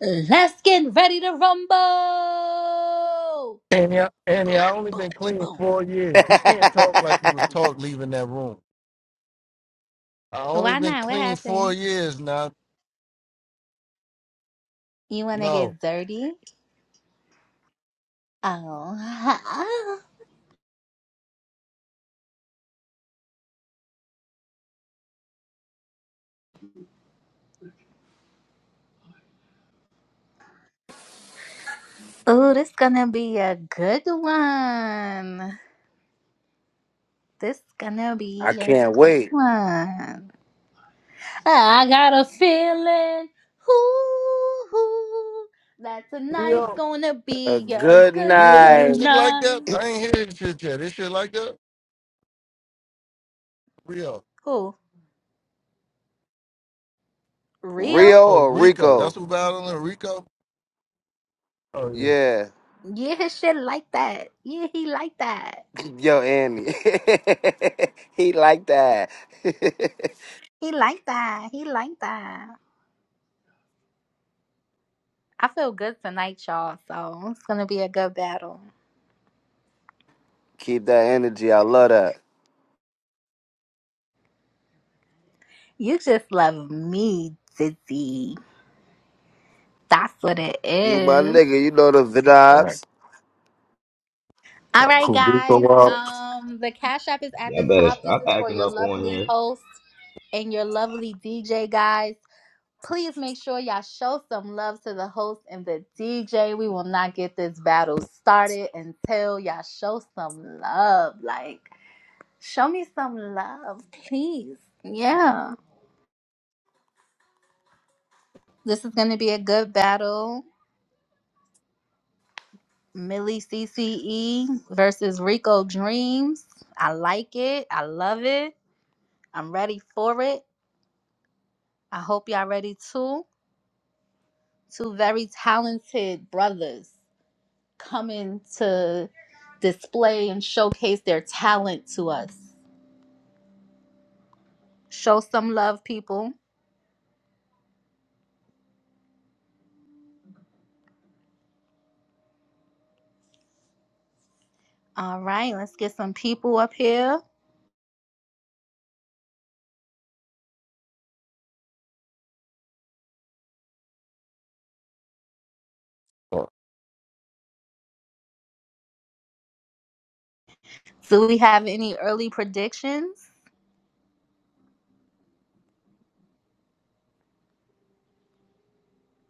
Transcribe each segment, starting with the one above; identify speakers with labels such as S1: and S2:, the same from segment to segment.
S1: Let's get ready to rumble.
S2: And yeah, and yeah, I only been clean
S1: Boom.
S2: four years. You can't talk like you was
S3: I
S2: talk leaving that room. I only
S1: Why
S2: been
S1: not? What
S2: clean four
S1: happened?
S2: years now.
S1: You wanna
S2: No.
S1: get dirty? Oh, oh, this gonna be a good one. This gonna be a
S3: can't
S1: good
S3: wait.
S1: one. I got a feeling, ooh, ooh, that tonight's
S2: Real
S1: gonna
S3: A
S1: be a
S3: good
S1: good,
S2: real
S1: good
S3: night.
S2: music like that?
S1: night.
S2: I ain't hear this shit yet. This shit like that? Real.
S1: Who?
S3: Rio
S1: Real?
S2: Oh
S3: or
S2: Rico.
S3: Rico?
S2: That's who battling Rico? Oh yeah.
S3: Yeah.
S1: Yeah, his shit like that. Yeah, he like that.
S3: Yo, Andy. he like that.
S1: He like that. He like that. I feel good tonight, y'all. So it's gonna be a good battle.
S3: Keep that energy. I love that.
S1: You just love me, Dizzy. That's what it
S3: You my
S1: is.
S3: nigga. You know the
S4: Alright,
S3: vibes.
S1: All right,
S4: Cool. Go
S1: guys.
S4: up.
S1: Um, the cash app is at the
S5: Y'all better
S1: top. This
S5: stop
S1: is for
S5: acting
S1: your
S5: up on
S1: lovely
S5: here.
S1: host and your lovely DJ, guys. Please make sure y'all show some love to the host and the DJ. We will not get this battle started until y'all show some love. Like. Show me some love, please. Yeah. This is going to be a good battle. Millie CCE versus Rico Dreams. I like it. I love it. I'm ready for it. I hope y'all ready too. Two very talented brothers coming to display and showcase their talent to us. Show some love, people. All right, let's get some people up here. Do we have any early predictions?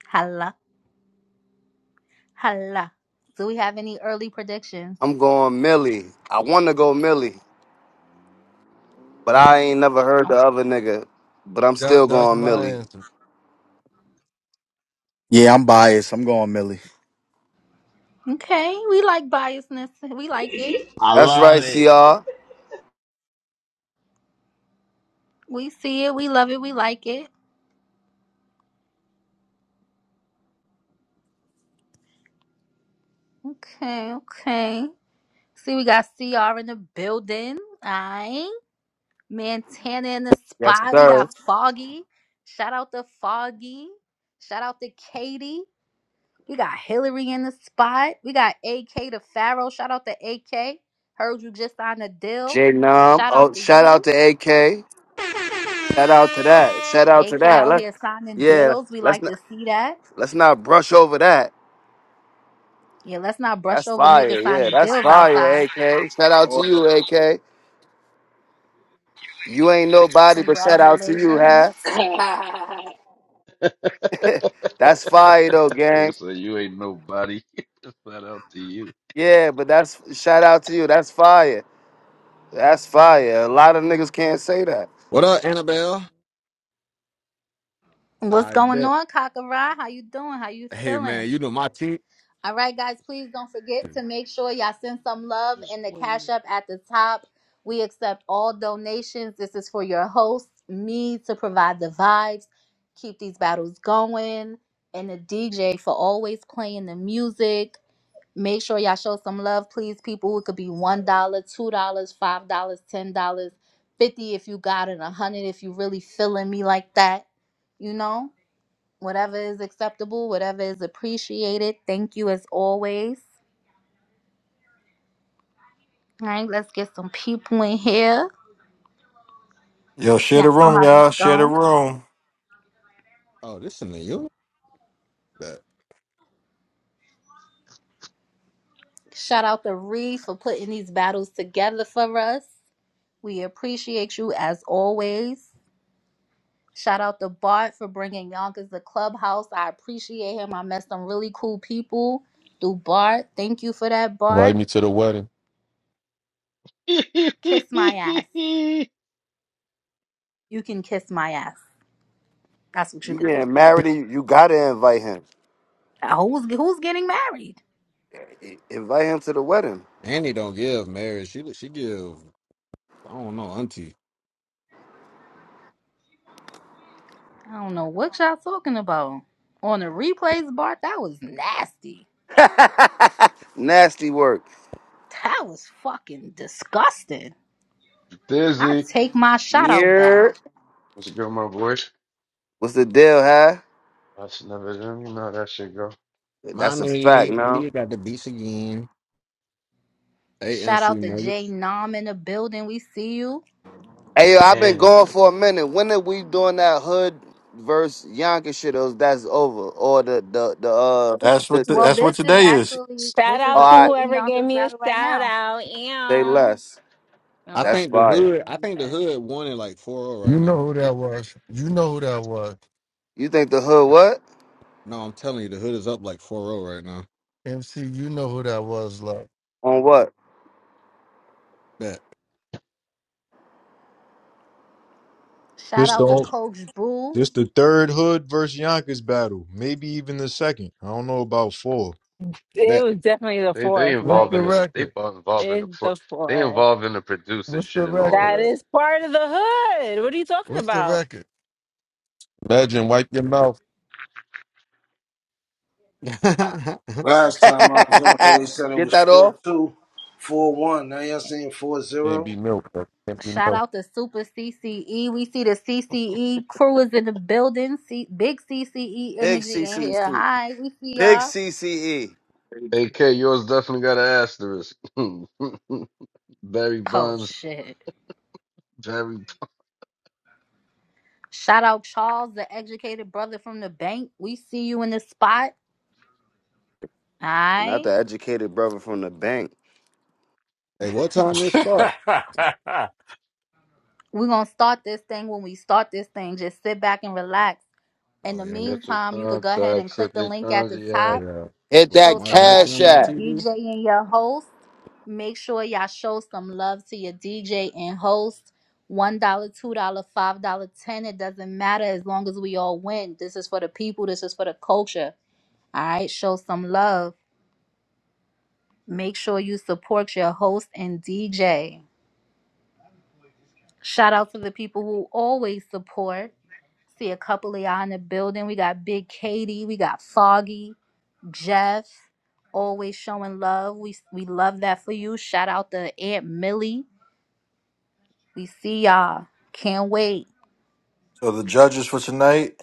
S1: Hello. Hala. Do we have any early predictions?
S3: I'm going Millie. I want to go Millie, but I ain't never heard
S1: Oh.
S3: the other nigga. But I'm still
S2: That that's
S3: going
S2: my
S3: Millie.
S2: answer.
S6: Yeah, I'm biased. I'm going Millie.
S1: Okay, we like biasness. We like it.
S5: I
S3: That's right,
S5: love it.
S3: CR.
S1: We see it. We love it. We like it. Okay, okay. See, we got CR in the building. Aye. Montana in the
S3: Yes,
S1: spot. We
S3: sir.
S1: got Foggy. Shout out to Foggy. Shout out to Katie. We got Hillary in the spot. We got AK to Pharaoh. Shout out to AK. Heard you just signed a deal.
S3: J Nom.
S1: Shout out
S3: Oh,
S1: to
S3: shout
S1: you.
S3: out to AK. Shout out to that. Shout out to
S1: AK
S3: that.
S1: out
S3: Let,
S1: here signing
S3: yeah,
S1: deals. We
S3: let's
S1: like
S3: not
S1: to see that.
S3: let's not brush over that.
S1: Yeah, let's not brush
S3: That's
S1: over niggas
S3: fire. Yeah,
S1: signing
S3: that's
S1: deals
S3: fire,
S1: outside.
S3: AK. Shout out to you, AK. You ain't nobody, but shout out to you,
S1: Congratulations.
S3: huh? that's fire though,
S7: Nigga
S3: gang.
S7: said you ain't nobody. it's not up to you.
S3: Yeah, but that's shout out to you. That's fire. That's fire. A lot of niggas can't say that.
S8: What up, Annabelle?
S1: What's
S8: I
S1: going
S8: bet.
S1: on, Kakara? How you doing? How you
S8: Hey
S1: feeling?
S8: man, you know my team.
S1: All right, guys, please don't forget to make sure y'all send some love
S7: This
S1: in the
S7: one
S1: Cash App at the top. We accept all donations. This is for your host, me, to provide the vibes, keep these battles going, and the DJ for always playing the music. Make sure y'all show some love, please, people. It could be $1, dollar, $2, dollars, $5, dollars, $10, dollars, 50 if you got it, 100 if you really feeling me like that, you know? whatever is acceptable, whatever is appreciated. Thank you as always. All right, let's get some people in here.
S4: Yo, share
S1: Y'all
S4: the
S1: know
S4: room,
S1: how this
S4: y'all. Share the
S1: go.
S4: room.
S8: Oh, listen to you, But
S1: Shout out to Reed for putting these battles together for us. We appreciate you as always. Shout out to Bart for bringing Yonkers the clubhouse. I appreciate him. I met some really cool people through Bart. Thank you for that,
S9: Invite
S1: Bart.
S9: me to the wedding.
S1: Kiss my ass.
S7: nigga.
S1: You can kiss my ass. That's what you
S3: You
S1: could do.
S3: getting married, and you you gotta invite him.
S1: Now, Who's who's getting married?
S3: I- Invite him to the wedding.
S8: Annie don't give marriage. She she give. I don't know, auntie.
S1: I don't know what y'all talking about. On the replays, Bart, that was nasty.
S3: Nasty work.
S1: That was fucking disgusting. I
S7: Dizzy.
S1: take my shout out back.
S3: Yeah.
S7: What's it go, my boy?
S3: What's the deal, huh?
S7: I should never done. You know how that shit go.
S3: That's a
S8: Mommy,
S3: fact, now.
S8: India got the beats again.
S1: Shout
S8: AMC
S1: out to
S8: murder.
S1: Jay Nam in the building. We see you.
S3: Hey, yo, I've been
S7: Annie.
S3: going for a minute. When are we doing that hood versus Yonkers shit? Or that's over, or the the the uh.
S4: That's
S3: The,
S4: what the,
S1: Well,
S3: the,
S4: that's what
S1: this is
S4: today is.
S1: actually
S10: Shout
S1: this is
S10: out
S1: a
S10: to
S3: all right,
S1: hood in
S10: whoever gave
S1: Yonkers
S10: me a
S1: battle right
S10: shout
S1: now.
S10: out.
S3: say
S10: Ew.
S3: less.
S10: Oh
S8: I
S10: wow.
S3: That's
S8: think the
S10: I
S3: fire.
S8: hood. I
S10: remember
S8: think the
S10: that.
S8: hood won it like 4-0
S2: You
S8: right now.
S2: know who that was. You know who that was.
S3: You think the hood what
S8: No, I'm telling you, the hood is up like 4-0 right now.
S2: MC, you know who that was, love.
S3: on what?
S8: Bet,
S1: Shout
S7: I'm
S11: This the
S7: gonna
S1: out to
S7: say
S11: whole-
S1: Coach Boo.
S11: this the third hood versus Yonkers battle. Maybe even the second. I don't know about four.
S10: It
S8: bet.
S10: was definitely the
S7: they they
S10: fourth.
S2: What's
S10: Like
S7: involved
S2: the
S7: in the they
S2: record?
S7: both involved in the
S10: it's
S7: pro-
S10: the
S7: they
S10: fourth.
S7: involved in the producer
S2: What's
S7: shit
S2: the
S7: and all of
S2: record?
S10: That
S7: that.
S10: is part of the hood. What are you talking
S2: What's the
S10: about?
S2: record?
S9: Imagine wipe your mouth.
S12: Last time I was on here, they said it
S3: Get
S12: was
S3: that off.
S12: four two, four one. Now y'all saying four
S9: Can't be
S12: zero?
S9: milk, bro. Can't be
S1: Shout
S9: milk.
S1: out to Super CCE. We see the CCE crew is in the building. See, big CCE
S3: Big
S1: energy in here.
S3: CCC.
S1: Hi, we see
S3: Big
S1: y'all.
S3: CCE.
S7: AK, yours definitely got an asterisk. Barry
S1: Oh
S7: Bonds,
S1: shit.
S7: Barry
S1: Shout out Charles, the educated brother from the bank. We see you in the spot. All
S3: Not
S1: right.
S3: the educated brother from the bank.
S8: hey, what time this start?
S13: yeah,
S1: We're going to start this thing when we start this thing. Just sit back and relax. In
S8: Oh
S1: the
S8: yeah, we-
S7: catch your
S1: meantime, you could go ahead
S7: contact,
S1: and
S7: sip
S1: click the
S7: your
S1: link at the
S8: oh,
S7: cognac.
S1: top.
S8: yeah.
S3: Hit
S8: With
S1: Show
S3: that
S8: Lamar
S1: some love
S8: Jackson
S3: cash
S8: on
S1: to
S8: my
S1: your
S3: app.
S8: TV.
S1: DJ and your host. Make sure y'all show some love to your DJ and host. $1, dollar, $2, dollars, $5, dollars, 10 dollars. It doesn't matter as long as we all win. This is for the people. This is for the culture. All right. Show some love. Make sure you support your host and DJ. Shout out to the people who always support. See a couple of y'all in the building. We got Big Katie, we got Foggy, Jeff, always showing love. We we love that for you. Shout out to Aunt Millie. We see y'all. Can't wait.
S4: So the judges for tonight,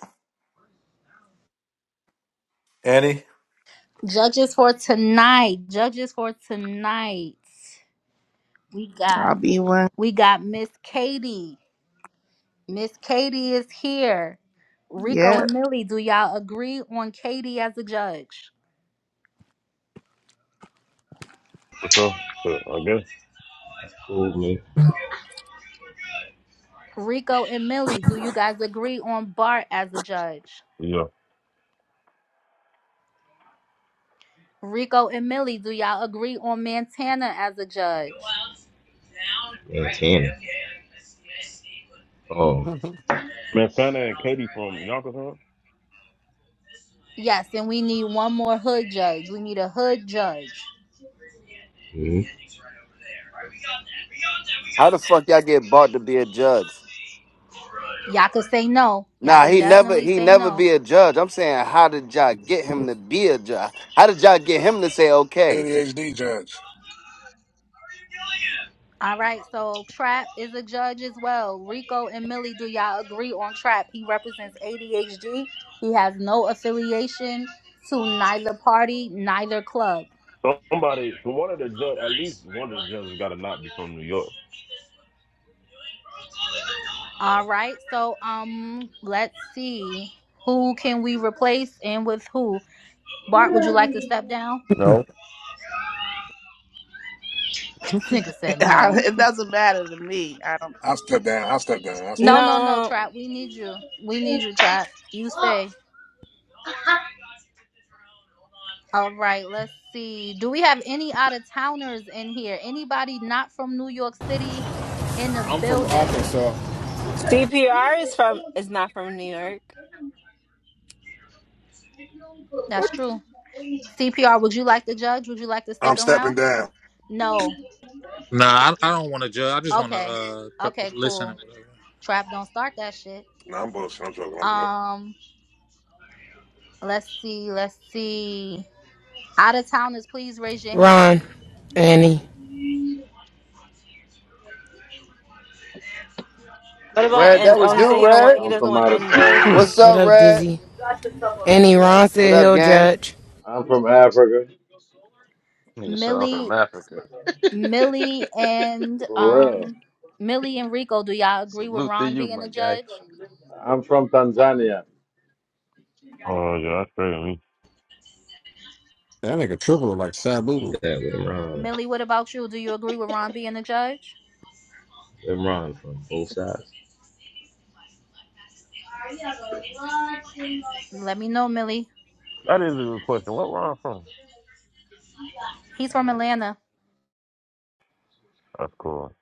S4: Annie.
S1: Judges for tonight. Judges for tonight. We
S14: I'll
S1: got
S14: be one.
S1: we got Miss Katie. Miss Katie is here. Rico
S14: Yeah,
S1: and Millie, do y'all agree on Katie as a judge?
S15: For sure. So I guess.
S5: That's cool, man.
S1: Rico and Millie, do you guys agree on Bart as a judge?
S15: Yeah.
S1: Rico and Millie, do y'all agree on Montana as a judge?
S5: Yeah, Tanner. Oh.
S8: that
S15: Man, Fanta and Katie from Yonkers, huh?
S1: Yes, and we need one more hood judge. We need a hood judge.
S5: hmm
S3: How the fuck y'all get bought to be a judge?
S1: Y'all can say no. Y'all
S3: Nah,
S1: can
S3: he never
S1: definitely
S3: he
S1: say
S3: never
S1: no.
S3: be a judge. I'm saying, how did y'all get him to be a judge? How did y'all get him to say, okay,
S16: ADHD judge.
S1: All right, so Trap is a judge as well. Rico and Millie, do y'all agree on Trap? He represents ADHD. He has no affiliation to neither party, neither club.
S15: Somebody, so one of the judges, at least one of the judges has got to not be from New York.
S1: All right, so um, let's see who can we replace and with who. Bart, would you like to step down?
S9: No.
S1: This nigga said
S14: I,
S1: no.
S14: it doesn't matter to me. I don't.
S16: i step down. i step down. i step
S1: No, no,
S16: down.
S1: no,
S10: No.
S1: Trap. We need you. We need you, Trap. You stay. All right, let's see. Do we have any out of towners in here? Anybody not from New York City in the
S17: I'm from
S1: building?
S17: Arkansas.
S10: CPR is from is not from New York.
S1: That's true. CPR, would you like to judge? Would you like to
S16: I'm
S1: stick
S16: stepping
S1: around?
S16: down.
S1: No.
S18: Nah, I, I don't want to judge. I just want to
S1: Okay.
S18: uh put,
S1: Okay,
S18: listen
S1: cool.
S18: and whatever.
S1: Trap, don't start that shit.
S16: No, I'm bullshit. I'm joking. I'm joking.
S1: Um, let's see, let's see. Out of towners, please raise your hand.
S19: Ron, Annie,
S10: What about
S3: Red,
S10: N
S3: that
S10: oh
S3: was
S10: he
S3: you,
S10: said he don't want
S3: Red.
S10: he
S20: I'm
S10: doesn't
S20: from
S10: want
S20: out of town.
S10: NB.
S3: What's
S19: what
S3: up,
S19: up,
S3: Red?
S19: Dizzy? Annie, Ron
S3: What
S19: said
S3: up,
S19: he'll
S3: gang?
S19: judge.
S20: I'm from Africa.
S7: Nigga sent off from
S1: Millie,
S7: Africa.
S1: Millie and
S20: For real.
S1: um Millie and Rico, do y'all agree with
S7: Salute to
S1: Ron
S7: you,
S1: being
S7: my
S1: a
S7: guy.
S1: judge?
S20: I'm from Tanzania.
S15: Oh, yeah, that's great.
S8: nigga triple like
S5: You
S8: Sabu.
S5: got Lim Ron.
S1: Millie, what about you? Do you agree with Ron being the judge?
S5: Lim Ron from both sides.
S1: Let me know, Millie.
S15: That is a good question. What where I'm from?
S1: He's from Atlanta.
S15: That's cool.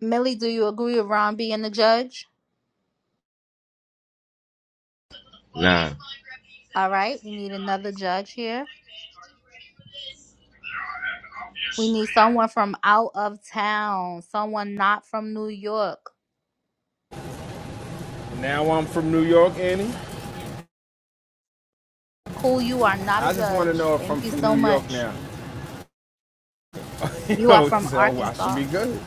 S1: Millie, do you agree with Ron being the judge?
S5: Nah.
S1: All right, we need another judge here. We need someone from out of town, someone not from New York.
S17: Now I'm from New York, Annie.
S1: Cool, you are not a
S17: I just want to
S1: judge.
S17: know if I'm
S1: Thank you
S17: from
S1: so
S17: New York
S1: much.
S17: now.
S1: You are
S17: Oh,
S1: from
S17: so well, I should be
S1: Arkansas.
S17: good.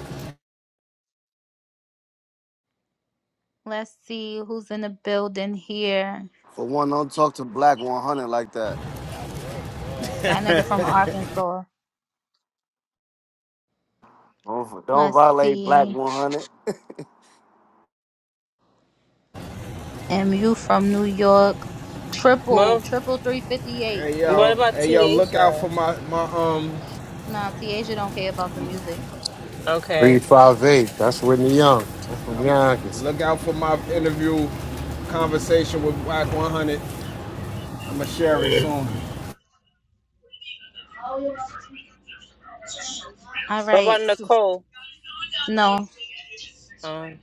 S1: Let's see who's in the building here.
S3: For one, don't talk to Black 100 like that.
S1: That nigga from Arkansas.
S3: Don't, don't
S1: Let's
S3: violate Black
S1: see.
S3: 100.
S1: And you from New York. Triple,
S10: Well
S1: triple three fifty eight.
S17: Hey
S10: what
S17: yo,
S10: about
S17: hey yo,
S10: T
S17: look out
S10: Asia?
S17: for my my um,
S1: Nah, Tiaja don't care about the music.
S21: Three
S10: Okay.
S21: five eight. That's Whitney Young. I'm from Yonkers.
S17: look out for my interview conversation with Black 100. I'ma share it soon.
S1: All
S10: What
S1: right.
S10: about Nicole?
S1: No.
S10: Um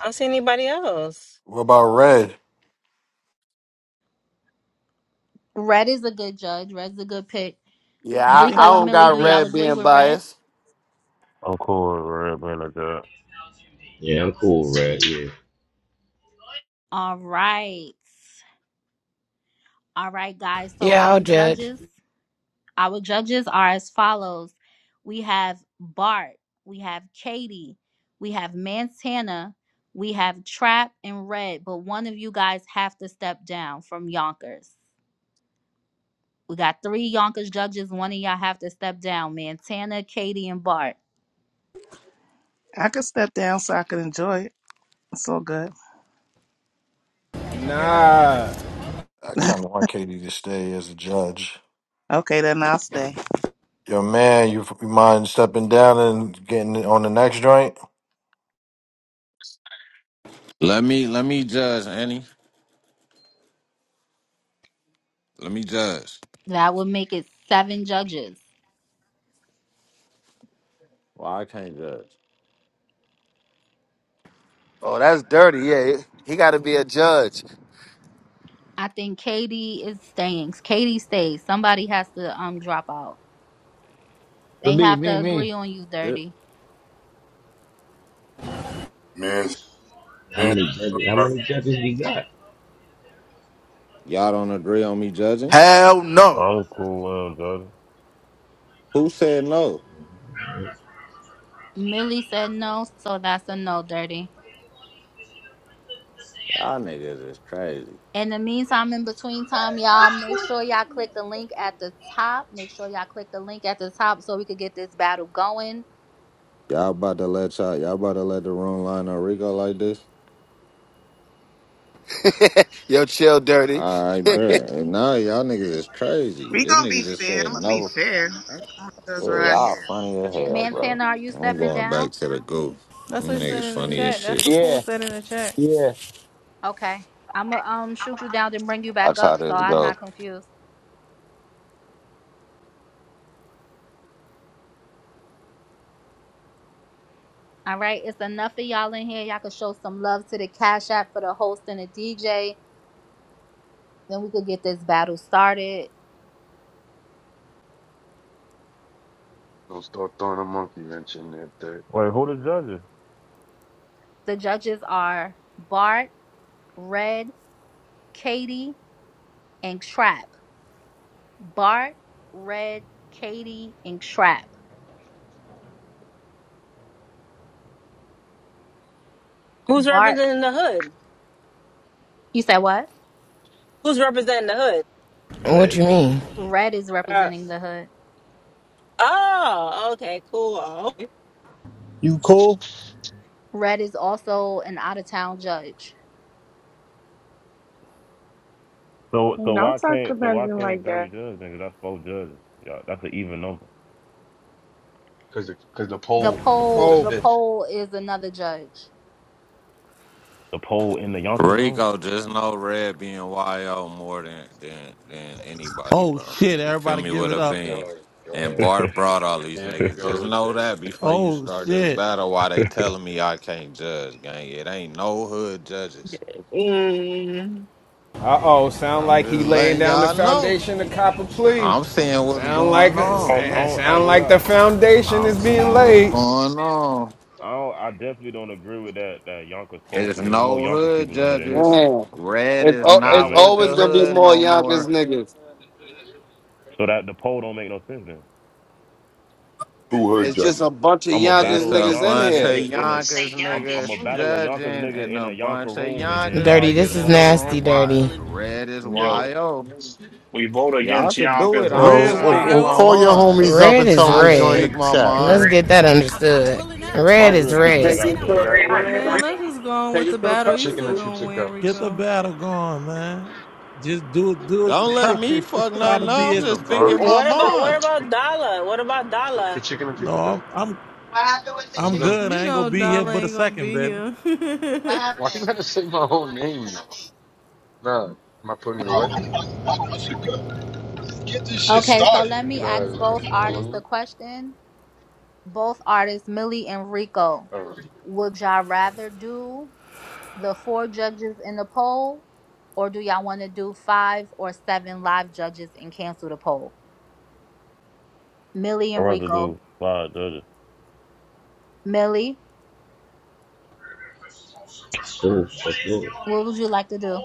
S10: I don't see anybody else.
S4: What about Red?
S1: Red is a good judge. Red's a good pick.
S3: Yeah,
S14: I
S3: I,
S14: think
S3: I
S1: Rico and
S3: don't
S1: Millie, do
S3: got
S14: we're good.
S1: y'all
S3: Red
S1: agree
S3: being
S1: with Red?
S3: biased.
S15: I'm cool with everything like that.
S5: Yeah, I'm cool, right? Yeah.
S1: All right. All right, guys. So
S19: Yeah, I'll
S1: our
S19: judge.
S1: judges, our judges are as follows. We have Bart, we have Katie, we have Montana, we have Trap and Red, but one of you guys have to step down from Yonkers. We got three Yonkers judges. One of y'all have to step down. Montana, Katie, and Bart.
S14: I could step down so I can enjoy it. It's all good.
S17: Nah,
S4: I kind of want Katie to stay as a judge.
S14: Okay, then I'll stay.
S4: Yo, man, you, you mind stepping down and getting on the next joint?
S22: Let me let me judge, Annie. Let me judge.
S1: That would make it seven judges.
S22: Well, I can't judge.
S3: Oh, that's dirty. Yeah, he, got to be a judge.
S1: I think Katie is staying. Katie stays. Somebody has to um drop out. They
S23: Me,
S1: have
S23: me,
S1: to agree
S23: me.
S1: on you,
S22: Yep.
S1: Dirty.
S24: Man,
S5: How
S24: man,
S5: many judges? How many judges we got?
S22: Y'all don't agree on me judging?
S6: Hell no.
S15: I'm cool with them judges.
S22: Who said no?
S1: Millie said no, so that's a no, Dirty.
S22: Y'all niggas is crazy.
S1: In the meantime, in between time, y'all make sure y'all click the link at the top. Make sure y'all click the link at the top so we could get this battle going.
S22: Y'all about to let y'all y'all about to let the room line on Rico like this?
S3: Yo, chill, dirty.
S22: I bet. And now y'all niggas is crazy.
S14: We
S22: This
S14: gonna be
S22: nigga just
S14: fair. I'm
S22: said
S14: gonna be
S22: no.
S14: fair. That's what
S22: Yeah,
S14: I
S22: y'all
S14: hear.
S22: funny as hell, bro.
S1: Montana, are you
S22: I'm
S1: stepping
S22: going
S1: down?
S22: back to the goo.
S25: That's
S22: Them
S25: what he said
S22: niggas
S25: in the
S22: funny as
S25: chat. That's
S22: shit.
S25: what Cool
S23: Yeah,
S25: said in the chat.
S23: yeah.
S1: Okay. I'ma um shoot you down then bring you back
S22: That's how
S1: up so
S22: this
S1: I'm
S22: goes.
S1: not confused. All right, it's enough of y'all in here. Y'all can show some love to the Cash App for the host and the DJ. Then we could get this battle started.
S7: Don't start throwing a monkey wrench in there, third.
S15: Wait, who the judges?
S1: The judges are Bart, Red, Katie, and Trap. Bart, Red, Katie, and Trap.
S10: Who's
S1: Bart,
S10: representing the hood?
S1: you said what?
S10: Who's representing the hood?
S19: What
S7: Red?
S19: you mean?
S1: Red is representing the hood.
S10: Oh, okay, cool. Oh,
S26: You cool?
S1: Red is also an out of town judge.
S15: So, so
S27: And Don't
S15: why
S27: talk
S15: can't, so
S27: about
S15: why
S27: it
S15: can't
S27: like that.
S15: Dirty Judge then? 'Cause that's four judges. Yeah, that's an even number.
S7: Because the, 'cause the
S1: The
S7: poll is
S1: poll,
S7: the
S17: Pope.
S1: the
S7: fifth.
S1: poll is another judge.
S15: The poll in the Yonkers room.
S22: Rico, just know Red being YO more than than than anybody,
S28: Oh
S22: bro.
S28: shit,
S22: You feel
S28: everybody
S22: me
S28: give
S22: with
S28: it
S22: a
S28: up.
S22: bean.
S7: Oh,
S22: And
S15: I,
S7: God.
S22: Bart brought all these
S7: Here we
S22: niggas.
S7: go
S22: Just
S7: with
S22: know
S7: third.
S22: that before you
S28: Oh
S22: start this
S28: shit.
S22: battle, why they telling me I can't judge, gang. It ain't no hood judges.
S10: Mm.
S17: Uh oh, sound
S22: I'm
S17: like he
S22: just
S17: laying
S22: letting
S17: down the
S22: y'all know.
S17: foundation to cop a plea.
S22: I'm seeing what's
S17: Sound like
S22: going on.
S7: Mm-hmm.
S15: don't, I,
S17: sa-
S15: don't, I ain't
S17: sound
S15: gonna
S17: like the
S15: lie.
S17: foundation
S22: I'm
S17: is being
S22: seeing what's
S17: laid.
S22: going on.
S15: I don't, I definitely don't agree with that that Yonkers poll
S22: It's
S15: because there's more
S22: no
S15: Yonkers
S22: hood
S15: people in here than
S22: judges.
S15: anything.
S3: Man,
S22: Red
S3: it's,
S22: is
S3: al-
S15: That don't
S3: it's
S22: not
S15: make
S22: with
S3: always
S22: the
S15: sense.
S3: gonna be
S22: hood
S3: more
S22: no more.
S3: Yonkers niggas.
S15: So that the poll don't make no sense then.
S24: to her
S3: It's just a
S24: judges.
S3: bunch of
S15: I'm a
S3: youngest
S15: battle
S22: It's
S15: a
S22: a
S3: niggas in
S15: Yonkers
S22: bunch
S3: here.
S22: of
S15: nigga in
S29: Room to
S15: a
S29: say
S22: Yonkers
S15: I'm I'm
S29: Yonkers
S15: a
S22: niggas
S15: battle
S29: Union.
S15: a
S22: judging
S15: Yonkers nigga
S22: and
S15: in a
S22: a
S15: Yonker
S22: bunch of
S15: room and then
S22: Yonkers
S15: y'all
S19: Dirty,
S15: get
S22: niggas
S19: this
S15: the
S19: is
S22: in the
S15: poll.
S19: nasty,
S22: room. Why
S19: dirty.
S22: red is
S30: Yo,
S22: YO.
S30: we vote
S22: Y'all
S30: against
S22: could do it.
S30: Yonkers all
S22: I'm
S30: the
S28: Red
S21: Oh,
S22: just
S21: oh,
S30: time.
S22: speaking
S21: oh,
S28: Wild,
S22: my
S21: call your
S22: mind.
S21: homies up
S19: Red
S21: and tell
S19: is
S22: I
S21: them to
S22: could
S21: join the
S19: red.
S22: speak my
S21: chat,
S19: Let's
S21: man.
S22: mind.
S19: get that understood.
S7: Look
S15: My
S19: Red is
S15: real people
S19: red.
S15: ain't
S31: Take
S15: got
S31: it to
S7: at
S31: the
S15: clubhouse,
S7: that
S32: Yacht
S7: one.
S15: so
S31: ram.
S25: Man, let's just go on
S31: Take
S25: with the
S31: it to the
S7: The
S25: battle. You
S31: public.
S7: chicken
S25: still
S7: that
S31: bro.
S7: you
S25: gonna
S7: took
S25: win,
S7: out.
S28: get the
S25: Rico.
S28: battle going, man. Just do it, do it.
S22: Don't
S7: You
S22: let
S28: Try,
S7: think
S22: me
S7: you,
S22: fuck
S28: try
S7: you
S28: to
S22: nothing up.
S7: think
S28: be
S22: I'm
S7: you in
S28: as
S7: the
S22: just
S28: try-
S22: speaking my
S7: Bronx?
S10: What about what
S22: mind.
S10: about Dala? What about
S7: The
S10: Dala?
S7: chicken that you
S28: No,
S7: took
S28: I'm
S7: out.
S28: I'm
S7: What happened with the One of
S28: I'm
S7: them-
S28: good.
S25: You
S28: I
S7: chicken,
S28: ain't
S7: Jason
S28: gonna
S25: know
S28: be here
S25: Dollar
S28: but
S7: Porter?
S28: a
S25: ain't gonna
S28: second,
S25: be
S28: baby.
S25: here.
S7: What happened? Why you gotta say my whole name now? Nah, am I putting it
S33: I
S7: away?
S33: don't know, I don't know, Get this shit
S1: Okay, so
S33: started.
S1: let
S7: You
S1: me
S7: guys
S1: ask
S7: not gonna
S1: both
S7: come on
S1: artists
S7: with
S1: a
S7: me?
S1: question both artists Millie and Rico.
S7: All right.
S1: Would y'all rather do the four judges in the poll, or do y'all want to do five or seven live judges and cancel the poll? Millie
S15: I
S1: and
S15: rather
S1: Rico.
S15: do five judges.
S1: Millie,
S5: cool. That's cool.
S1: what would you like to do?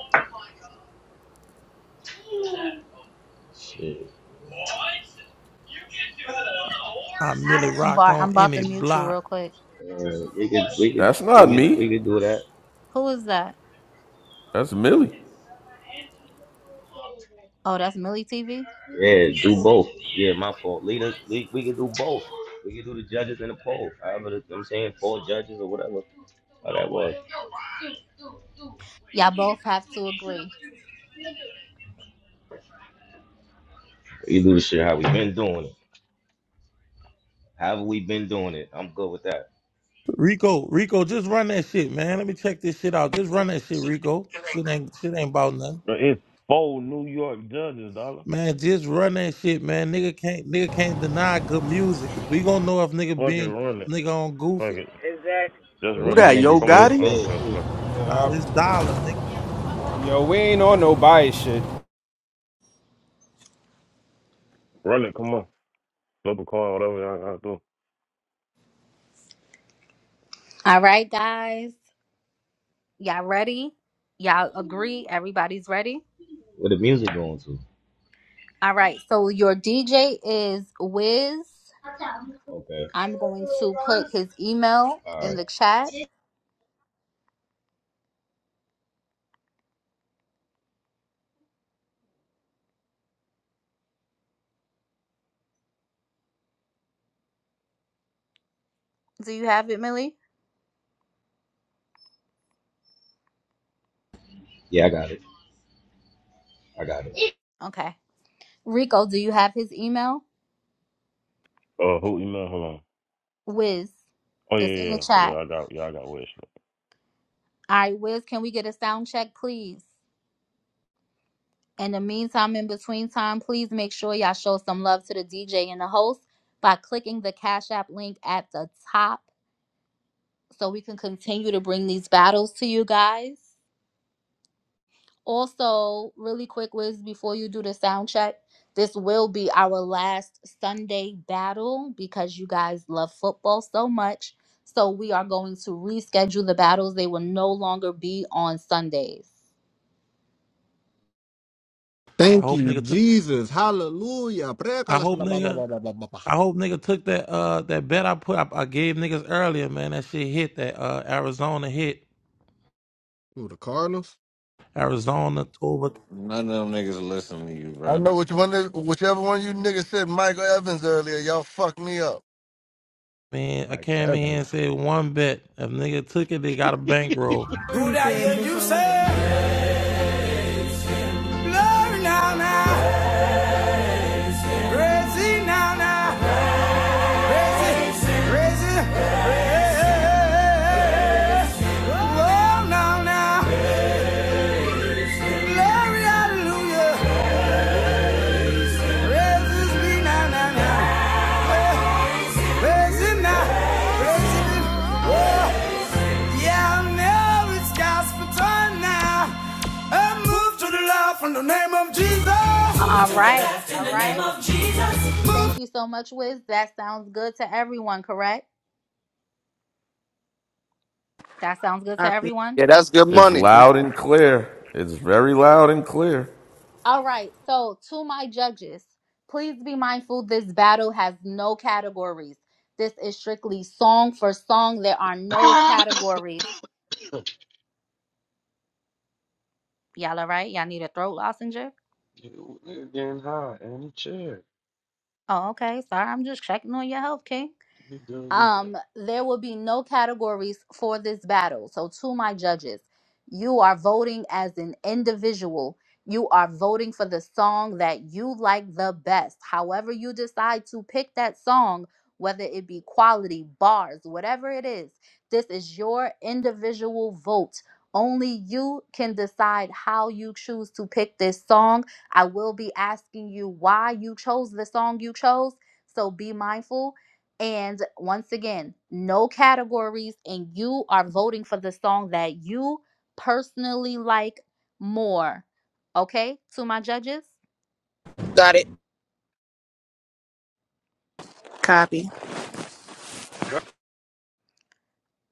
S5: Shit.
S28: I merely rock
S1: Bart,
S28: on
S1: I'm about
S28: any
S1: to mute you
S28: block.
S1: real quick.
S5: Uh, we could, we could, we
S9: Not me.
S5: could, we could do that.
S1: Who is that?
S9: That's Millie.
S1: Oh, that's Millie TV.
S5: Yeah, do both. Yeah, my fault. Leaders, we, we can do both. We can do the judges and the poll. However, the, I'm saying four judges or whatever. How that was.
S1: Y'all both have to agree.
S5: We do the shit how we been doing it. However we been doing it. I'm good with that.
S28: Rico, Rico, just run that shit, man. Let me check this shit out. Just run that shit, Rico. Shit ain't shit ain't about nothing.
S15: But it's four New York judges, dollar.
S28: Man, just run that shit, man. Nigga can't nigga can't deny good music. We gonna know if nigga
S15: Fuck it,
S28: being
S15: run it.
S28: nigga on
S15: Fuck
S28: goofy.
S15: it,
S32: exactly.
S15: just
S6: Who
S5: And
S15: run it.
S5: y'all
S6: that? Yo
S5: niggas
S15: Come on,
S5: both
S6: Gotti?
S15: I don't
S5: fed
S15: care.
S5: too.
S15: Fuck it.
S28: Nah, this
S17: Uh,
S28: dollar, nigga.
S15: Uh,
S17: yo, we ain't on no bias shit.
S15: run it. Come on, flip a coin, whatever y'all gotta do.
S1: All right, guys. Y'all ready? Y'all agree? Everybody's ready?
S5: Where the music going to?
S1: All right. So your DJ is Wiz.
S5: Okay.
S1: I'm going to put his email
S5: All
S1: in
S5: right.
S1: the chat. Do you have it, Millie?
S5: Yeah, I got it. I got it.
S1: Okay. Rico, do you have his email?
S15: Uh, who email? Hold on.
S1: Wiz,
S15: Oh yeah,
S1: it's in the
S15: yeah, yeah. Yeah,
S1: chat.
S15: I got, yeah, I got wish.
S1: All right, Wiz, can we get a sound check, please? In the meantime, in between time, please make sure y'all show some love to the DJ and the host by clicking the Cash App link at the top so we can continue to bring these battles to you guys. Also, really quick, Wiz, before you do the sound check, this will be our last Sunday battle because you guys love football so much. So we are going to reschedule the battles. They will no longer be on Sundays.
S28: I
S8: Thank
S28: hope
S8: you,
S28: nigga took.
S8: Jesus. Hallelujah. pre Who
S28: I hope nigga. I hope nigga took that uh that bet I put. I, I gave niggas earlier, man. That shit hit. That uh Arizona hit.
S8: the Cardinals?
S28: Arizona over.
S22: None of them niggas listen to you,
S2: I
S22: bro.
S2: know which one is, whichever one you niggas said Michael Evans earlier, y'all fucked me up.
S28: Man, I
S8: Like
S28: came in
S8: that,
S28: here
S8: man.
S28: and said one bet. If nigga took it, they got a bankroll.
S34: Who
S25: you
S34: that hear
S25: said
S34: you
S25: before.
S34: say? Glory now, now. Crazy now, now. Crazy, crazy. crazy. Oh, now, now. Glory, hallelujah. Praises be now, now, now. Crazy now. Crazy. Oh, yeah, I know it's gospel time now. And move to the left in the name of Jesus. Move
S1: All
S34: to the
S1: right.
S34: left in
S1: All
S34: the name
S1: right.
S34: of Jesus. Move
S1: Thank you so much, Wiz. That sounds good to everyone, correct? That sounds good to
S14: Copy.
S1: everyone.
S3: Yeah, that's good
S9: It's
S3: money.
S14: Yeah.
S9: loud and clear. It's very loud and clear.
S1: All right. So, to my judges, please be mindful this battle has no categories. This is strictly song for song. There are no categories. Y'all all right? Y'all need a throat lozenge?
S7: You- You're getting high, and chair.
S1: Oh, okay. Sorry, I'm just checking on your health, King.
S7: You do everywhere.
S1: um there will be no categories for this battle so to my judges you are voting as an individual you are voting for the song that you like the best however you decide to pick that song whether it be quality bars whatever it is this is your individual vote only you can decide how you choose to pick this song. I will be asking you why you chose the song you chose. So be mindful and once again, no categories, and you are voting for the song that you personally like more. Okay, to my judges?
S19: Got it.
S14: Copy.
S16: Yeah.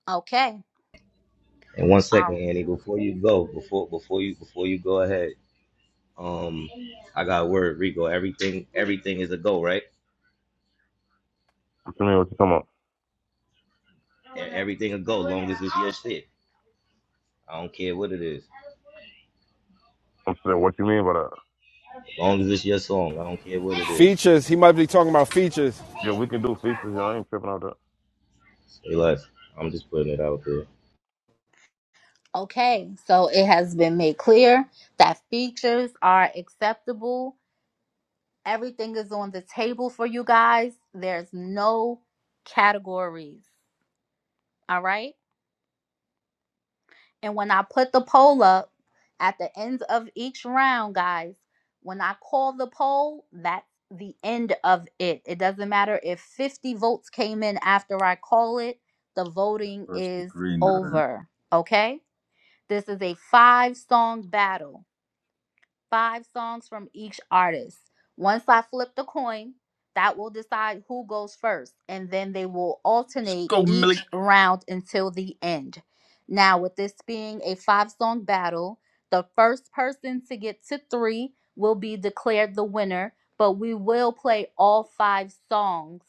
S1: Okay.
S5: And one second,
S1: Um,
S5: Annie, before you go, before before you before you go ahead, um, I got a word, Rico. Everything everything is a go, right?
S15: What you mean? What you talking about?
S5: E- Everything a go, long as it's your shit. I don't care what it is.
S15: I'm saying, what you mean by that?
S5: As long as it's your song, I don't care what it is.
S17: Features. He might be talking about features.
S15: Yeah, we can do features. Yeah, I ain't tripping out that.
S5: Say less. I'm just putting it out there.
S1: okay, so it has been made clear that features are acceptable. Everything is on the table for you guys. There's no categories. All right. And when I put the poll up at the end of each round, guys, when I call the poll, that's the end of it. It doesn't matter if 50 votes came in after I call it, the voting
S35: First
S1: is
S35: degree, not a.
S1: over. Okay? This is a five song battle five songs from each artist. Once I flip the coin, that will decide who goes first, and then they will
S35: Let's
S1: alternate
S35: go, Millie.
S1: each round until the end. Now, with this being a five song battle, the first person to get to three will be declared the winner, but we will play all five songs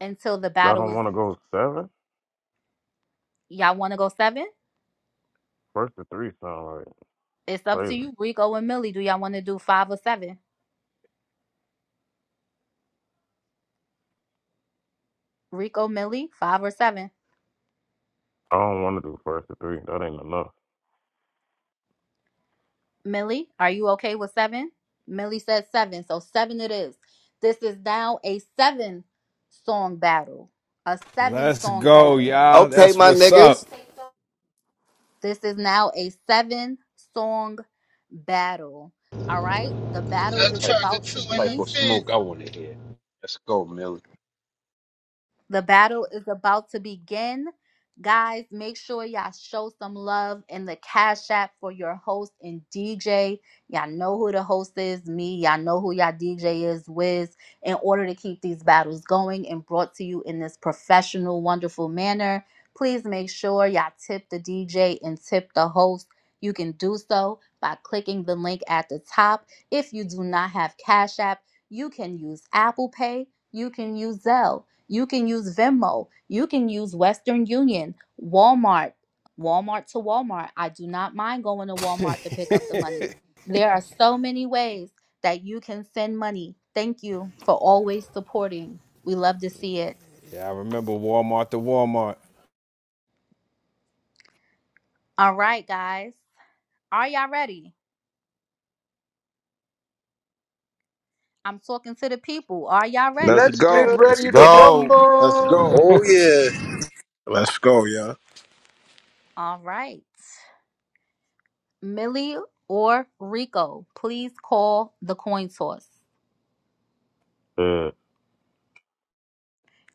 S1: until the
S15: Y'all
S1: battle
S15: don't
S1: is.
S15: want to go seven?
S1: Y'all want to go seven?
S15: First to three sound like
S1: It's up to
S15: crazy.
S1: you, Rico and Millie. Do y'all want to do five or seven? Rico, Millie, five or seven?
S15: I don't want to do first to three. That ain't enough.
S1: Millie, are you okay with seven? Millie says seven, so seven it is. This is now a seven song battle. A seven
S17: Let's
S1: song
S17: go,
S1: battle.
S17: y'all.
S3: Okay,
S17: That's
S3: my
S17: what's
S3: niggas.
S17: up.
S1: This is now a seven song battle. All right. The battle
S33: That
S1: is
S7: type of
S33: tractor
S1: about to
S33: true
S7: this
S33: in
S7: type
S33: the
S1: be
S7: of
S33: feed.
S7: smoke I want to hear. Let's go, Millie.
S1: The battle is about to begin. Guys, make sure y'all show some love in the Cash App for your host and DJ. Y'all know who the host is, me. Y'all know who y'all DJ is, Wiz, in order to keep these battles going and brought to you in this professional, wonderful manner. Please make sure y'all tip the DJ and tip the host. You can do so by clicking the link at the top. If you do not have Cash App, you can use Apple Pay, you can use Zelle. You can use Venmo. You can use Western Union, Walmart, Walmart to Walmart. I do not mind going to
S17: yeah,
S1: Walmart to pick up the money. There are so many ways that you can send money. Thank you for always supporting. We love to see it.
S17: I remember Walmart to Walmart.
S1: All right, guys. Are y'all ready? I'm talking to the people. Are y'all
S17: Let's
S1: ready?
S7: Let's get
S14: Yeah.
S17: go.
S4: Let's
S7: ready to
S14: yeah.
S4: go.
S36: Let's go.
S7: rumble.
S26: Oh yeah,
S37: Let's go, yeah.
S1: All right. Millie or Rico, please call the coin toss.
S15: Yeah,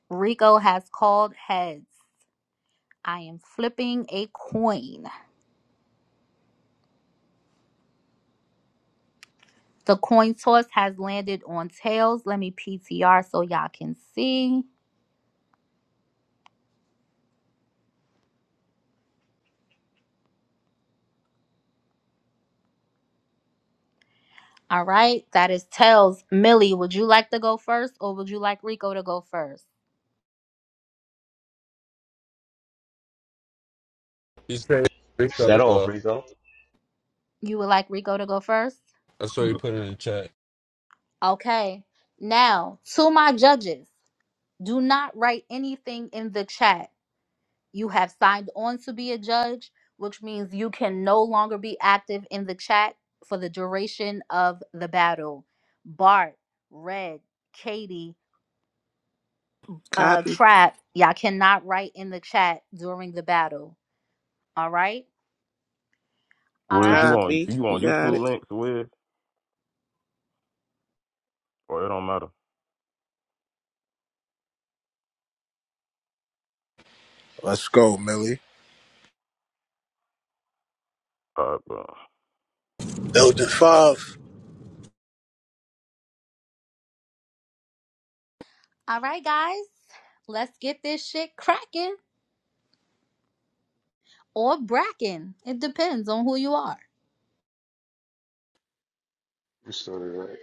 S1: Rico has called heads. I am flipping a coin. The coin toss has landed on tails. Let me PTR so y'all can see. All right, that is tails. Millie, would you like to go first or would you like Rico to go first?
S31: He said Rico to
S5: Shout out,
S31: go.
S5: Freako.
S1: You would like Rico to go first?
S31: That's what he put in the chat.
S1: Okay. Now, to my judges, do not write anything in the chat. You have signed on to be a judge, which means you can no longer be active in the chat for the duration of the battle. Bart, Red, Katie, uh,
S14: Copy.
S1: Trap, y'all cannot write in the chat during the battle. All right? All
S15: Wiz, you
S1: right.
S15: want
S14: Copy.
S15: you
S14: You
S15: want
S14: got
S15: YouTube
S14: it.
S15: links, Wiz? Or it don't matter.
S37: Let's go, Millie.
S15: All right, bro.
S26: Elder Five.
S1: All right, guys. Let's get this shit cracking or bracking. It depends on who you are.
S7: We started right.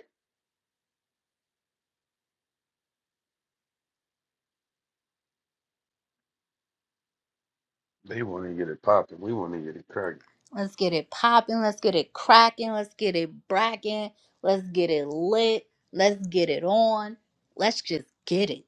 S7: They want to get it popping. We want to get it cracking.
S1: Let's get it popping. Let's get it cracking. Let's get it bracking. Let's get it lit. Let's get it on. Let's just get it.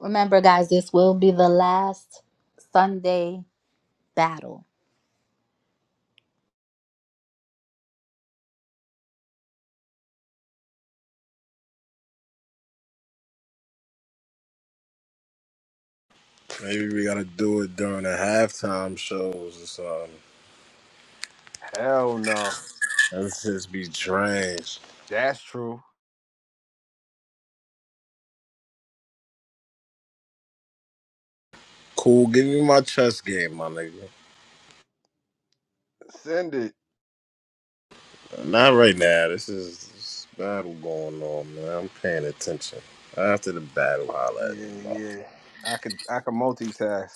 S1: Remember, guys, this will be the last Sunday battle.
S37: Maybe we gotta do it during the halftime shows or something.
S17: Hell no.
S37: Let's just be trash.
S17: That's true.
S37: Cool, give me my chess game, my nigga.
S17: Send it.
S37: Not right now. This is this battle going on, man. I'm paying attention. After the battle, holla at me,
S17: Yeah,
S37: bro.
S17: yeah. I could I could multitask.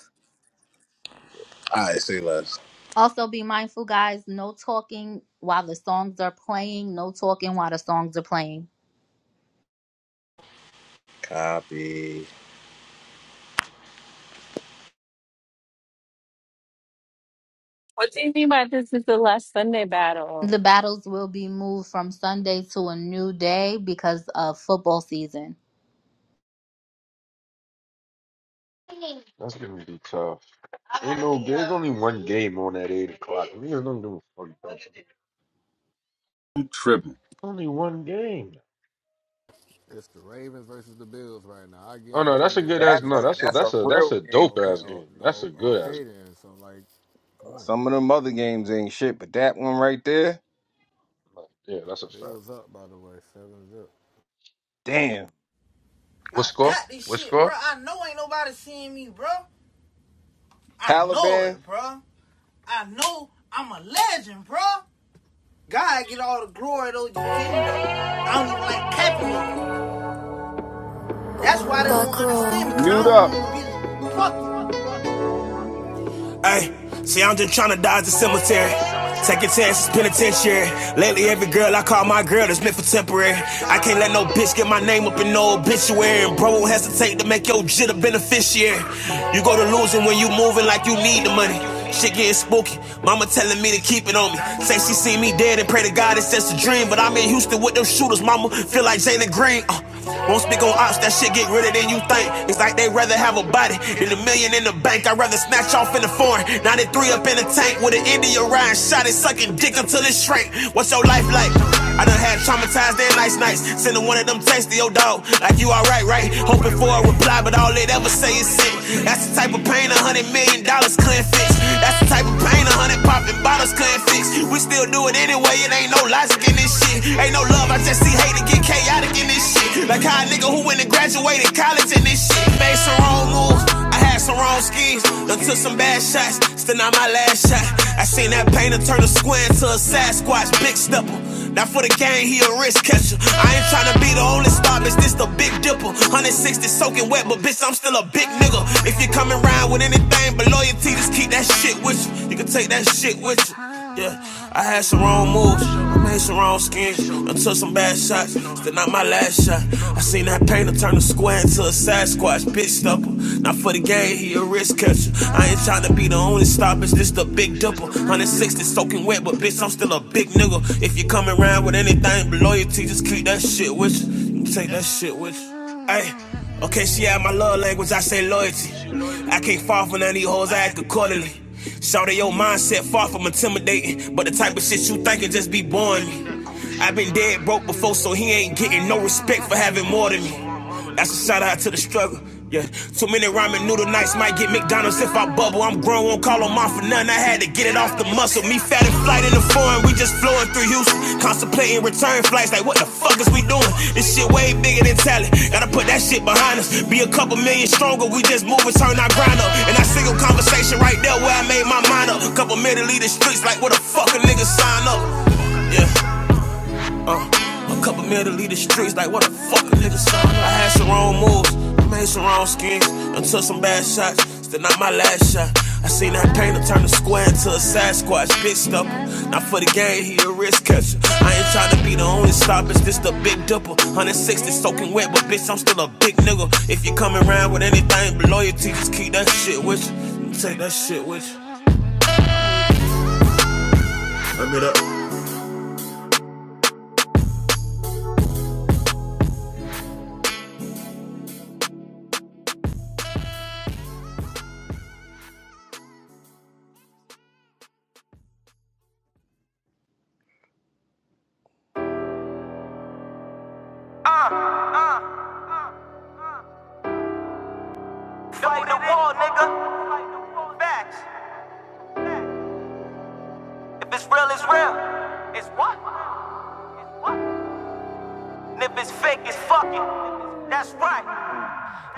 S37: All right, say less.
S1: Also, be mindful, guys, no talking while the songs are playing. No talking while the songs are playing.
S37: Copy.
S10: What do you mean by this is the last Sunday battle?
S1: The battles will be moved from Sunday to a new day because of football season.
S7: That's gonna be tough. Ain't no, there's only one game on that eight o'clock. Niggas don't give a fuck about that.
S35: I'm tripping.
S7: Only one game.
S8: It's the Ravens versus the Bills right now. I
S7: Oh no,
S8: guarantee
S7: that's a
S8: you, it's
S7: good
S8: more
S7: ass.
S17: That's
S7: No,
S8: people
S17: a
S7: that's a
S8: watching
S17: that's
S8: that
S7: that's
S17: a
S8: than
S7: a
S8: this.
S7: that's
S17: real
S7: a
S17: game
S7: dope
S17: right
S8: Okay,
S7: ass
S8: oh,
S7: game.
S17: there.
S7: That's a
S8: oh,
S7: good ass
S8: okay
S7: game.
S8: then. So like, come on,
S17: Some of them other games ain't shit, but that one right there,
S7: Like, yeah, that's a fact.
S8: Bills up by the way, seven zip.
S17: damn.
S7: What
S34: I
S7: score?
S34: got this
S7: What
S34: shit, bro.
S7: score?
S34: I know ain't nobody seeing me, bro. I know
S17: Taliban,
S34: it, bro. I know I'm a legend, bro. God get all the glory though. You feel me? I don't even like capping. That's why they don't understand me, cause I
S17: mute
S34: don't
S17: up.
S34: want to be fucked. Hey, see, I'm just tryna dodge the cemetery. Taking chances, penitentiary. Lately, every girl I call my girl is meant for temporary. I can't let no bitch get my name up in no obituary. And bro won't hesitate to make your jit a beneficiary. You go to losing when you moving like you need the money. Shit getting spooky. Mama telling me to keep it on me. Say she seen me dead and pray to God it's just a dream. But I'm in Houston with them shooters, mama. Feel like Jalen Green. Uh, won't speak on ops, that shit get realer than you think. It's like they rather have a body than a million in the bank. I'd rather snatch off in the foreign. 93 up in the tank with an India ride. Shot it, sucking dick until it shrank. What's your life like? I done had traumatized and nice nights. Sending one of them texts to your dog. Like you alright, right? Hoping for a reply, but all it ever say is sick. That's the type of pain a hundred million dollars couldn't fix. That's the type of pain a hundred popping bottles couldn't fix. We still do it anyway, it ain't no logic in this shit. Ain't no love, I just see hate and get chaotic in this shit. Like how a nigga who went and graduated college in this shit. Made some wrong moves. I had some wrong schemes, done took some bad shots, still not my last shot. I seen that painter turn a square into a Sasquatch, big stepper. Now for the game, he a risk catcher. I ain't tryna be the only star, bitch, this the big dipper. 160 soaking wet, but bitch, I'm still a big nigga. If you coming round with anything but loyalty, just keep that shit with you. You can take that shit with you. Yeah, I had some wrong moves, I made some wrong skins, I took some bad shots, still not my last shot. I seen that painter turn the square into a Sasquatch, bitch stubble. Not for the game, he a risk catcher. I ain't tryna be the only stop, it's just a big double. 160 soaking wet, but bitch, I'm still a big nigga. If you coming around with anything but loyalty, just keep that shit with you. Take that shit with you. Hey, okay, she had my love language, I say loyalty. I can't fall for none of these hoes, I act accordingly. Shout your mindset far from intimidating, but the type of shit you thinking just be boring me. i been dead broke before, so he ain't getting no respect for having more than me. That's a shout out to the struggle. Yeah, too many ramen noodle nights might get McDonald's if I bubble. I'm grown, won't call on mom for none. I had to get it off the muscle. Me fat and flight in the foreign, we just flowing through Houston. Contemplating return flights, like what the fuck is we doing? This shit way bigger than talent. Gotta put that shit behind us. Be a couple million stronger, we just move and turn our grind up. And I single conversation right there where I made my mind up. Couple minute lead the streets, like what the fuck a nigga sign up? Yeah. Uh, a couple mil to leave the streets, like what the fuck a nigga saw. I had some wrong moves, I made some wrong schemes, and took some bad shots. Still not my last shot. I seen that painter turn the square into a Sasquatch, big stuff. Not for the game, he a risk catcher. I ain't tryna be the only stop, it's just a big dipper. 160 soaking wet, but bitch, I'm still a big nigga. If you coming around with anything but loyalty, just keep that shit with you. Take that shit with you. Let me up. Fight the wall, nigga. Fight the war. Facts. Facts. If it's real, it's real. It's what? It's what? And if it's fake, it's fucking. That's right.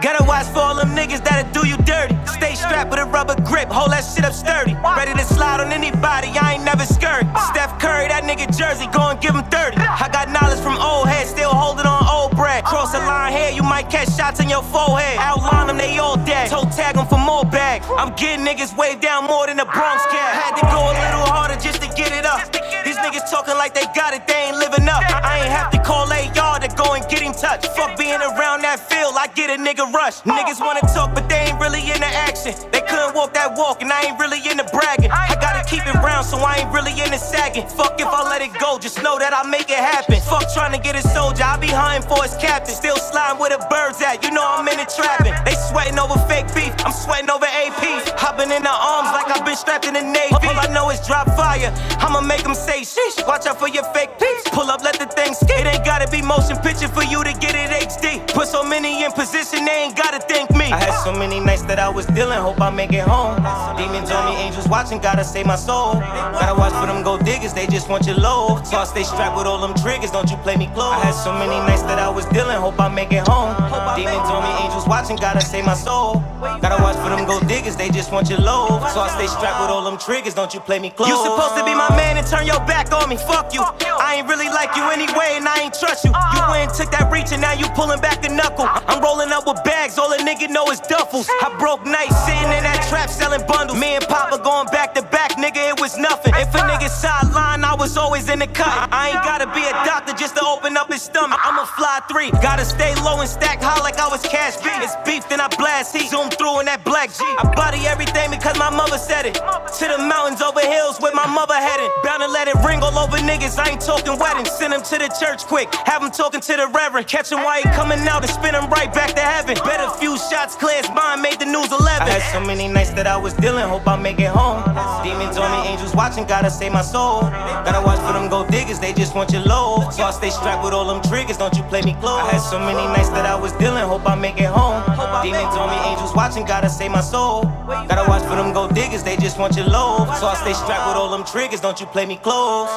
S34: Gotta watch for all them niggas that'll do you dirty. Stay strapped with a rubber grip, hold that shit up sturdy. Ready to slide on anybody, I ain't never scurry. Steph Curry, that nigga jersey, go and give him 30. I got knowledge from old heads, still holding on old bread. Cross the line here, you might catch shots in your forehead. Outline them, they all dead. Toe tag them for more bag. I'm getting niggas waved down more than the Bronx cat. Had to go a little harder just to get it up. These niggas talk talking like they got it, they ain't living up. I ain't have to call AR to go and get him touched. Fuck being around that field, I get a nigga rush. Niggas wanna talk, but they ain't really into action. They couldn't walk that walk, and I ain't really into bragging. I gotta keep it round, so I ain't really into sagging. Fuck if I let it go, just know that I make it happen. Fuck trying to get a soldier, I be hunting for his captain. Still sliding where the birds at, you know I'm in the trapping. They sweating over fake beef, I'm sweating over APs. Hopping in the arms like like I've been strapped in the Navy. All I know is drop fire. I'ma make them say sheesh. Watch out for your fake peeps. Pull up, let the thing skate. It ain't gotta be motion picture for you to get it HD. Put so many in position, they ain't gotta thank me. I had so many nights that I was dealing, hope I make it home. Demons on me, angels watching, gotta save my soul. Gotta watch for them gold diggers, they just want your load. So I stay strapped with all them triggers, don't you play me close. I had so many nights that I was dealing, hope I make it home. Demons on me, angels watching, gotta save my soul. Gotta watch for for them gold diggers, they just want your load. So I stay strapped with all them triggers, don't you play me close. You supposed to be my man and turn your back on me, fuck you. I ain't really like you anyway, and I ain't trust you. You went and took that reach, and now you pulling back the knuckle. I'm rolling up with bags, all a nigga know is duffels. I broke nights, sitting in that trap selling bundles. Me and Papa going back to back, nigga, it was nothing. If a nigga sideline, I was always in the cut. I ain't I ain't gotta be a doctor just to open up his stomach. I'm a fly three, gotta stay low and stack high like I was cash B. It's beef, then I blast heat. Zoom through in that black G. I body everything because my mother said it. To the mountains over hills where my mother headed. Bound to let it ring all over niggas. I ain't talking weddings. Send him to the church quick. Have him talking to the reverend. Catch him while he coming out and spin him right back to heaven. Bet a few shots clears mind made the news 11. I had so many nights that I was dealing, hope I make it home. Demons on me, angels watching, gotta save my soul. Gotta watch for them gold diggers, they just want your low. So I stay strapped with all them triggers, don't you play me close. I had so many nights that I was dealing, hope I make it home. Demons on me, angels watching, gotta save my soul. Gotta watch for them gold diggers, they just want your low. So I stay strapped with all them triggers, don't you play me close.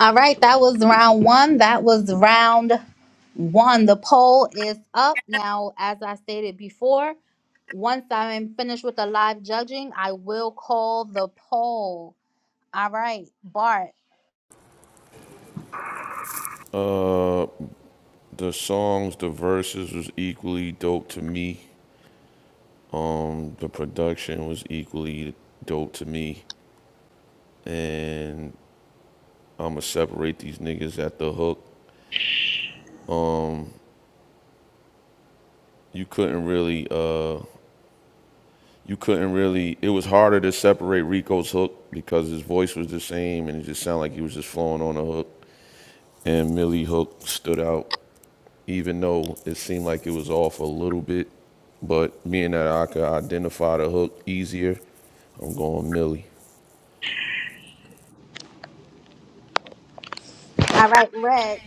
S1: All right, that was round one. That was round One, the poll is up. Now, as I stated before, once I'm finished with the live judging, I will call the poll. All right, Bart.
S9: The songs, the verses was equally dope to me. The production was equally dope to me. And I'ma separate these niggas at the hook. You couldn't really uh you couldn't really it was harder to separate Rico's hook because his voice was the same and it just sounded like he was just flowing on a hook. and Millie Hook stood out, even though it seemed like it was off a little bit. But being that I could identify the hook easier, I'm going Millie.
S1: All right, Red.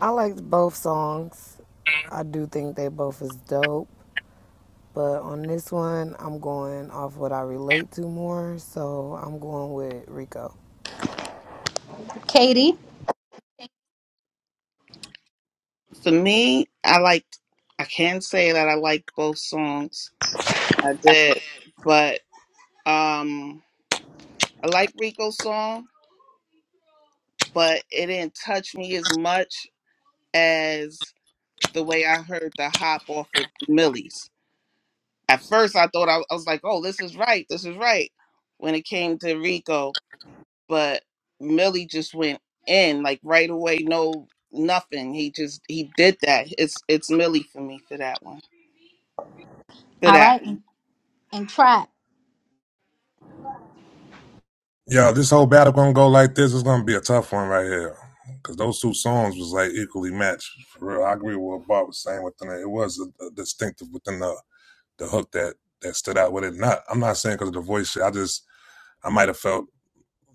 S19: I liked both songs. I do think they both is dope. But on this one, I'm going off what I relate to more. So I'm going with Rico.
S1: Katie.
S14: For me, I like. I can say that I like both songs. I did, but um, I like Rico's song, but it didn't touch me as much as the way I heard the hop off of Millie's. At first, I thought I, I was like, "Oh, this is right, this is right." When it came to Rico, but Millie just went in like right away, no nothing. He just he did that. It's it's Millie for me for that one. For
S1: All
S14: that
S1: right,
S14: one.
S1: and, and Trap.
S16: Yo, this whole battle gonna go like this. It's gonna be a tough one right here. Cause those two songs was like equally matched. For real, I agree with what Bob was saying within it. It was a, a distinctive within the the hook that that stood out with it. Not, I'm not saying because of the voice shit. I just I might have felt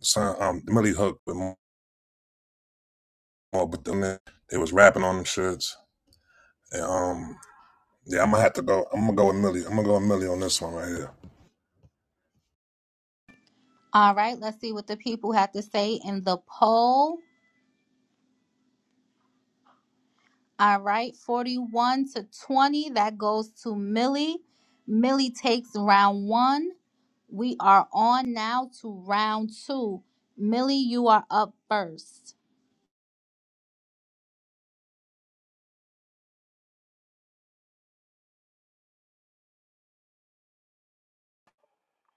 S16: some um Millie hook with more, but then they they was rapping on them shits. And um yeah, I'm gonna have to go. I'm gonna go with Millie. I'm gonna go with Millie on this one right here.
S1: All right, let's see what the people have to say in the poll. All right, 41 to 20. That goes to Millie. Millie takes round one. We are on now to round two. Millie, you are up first.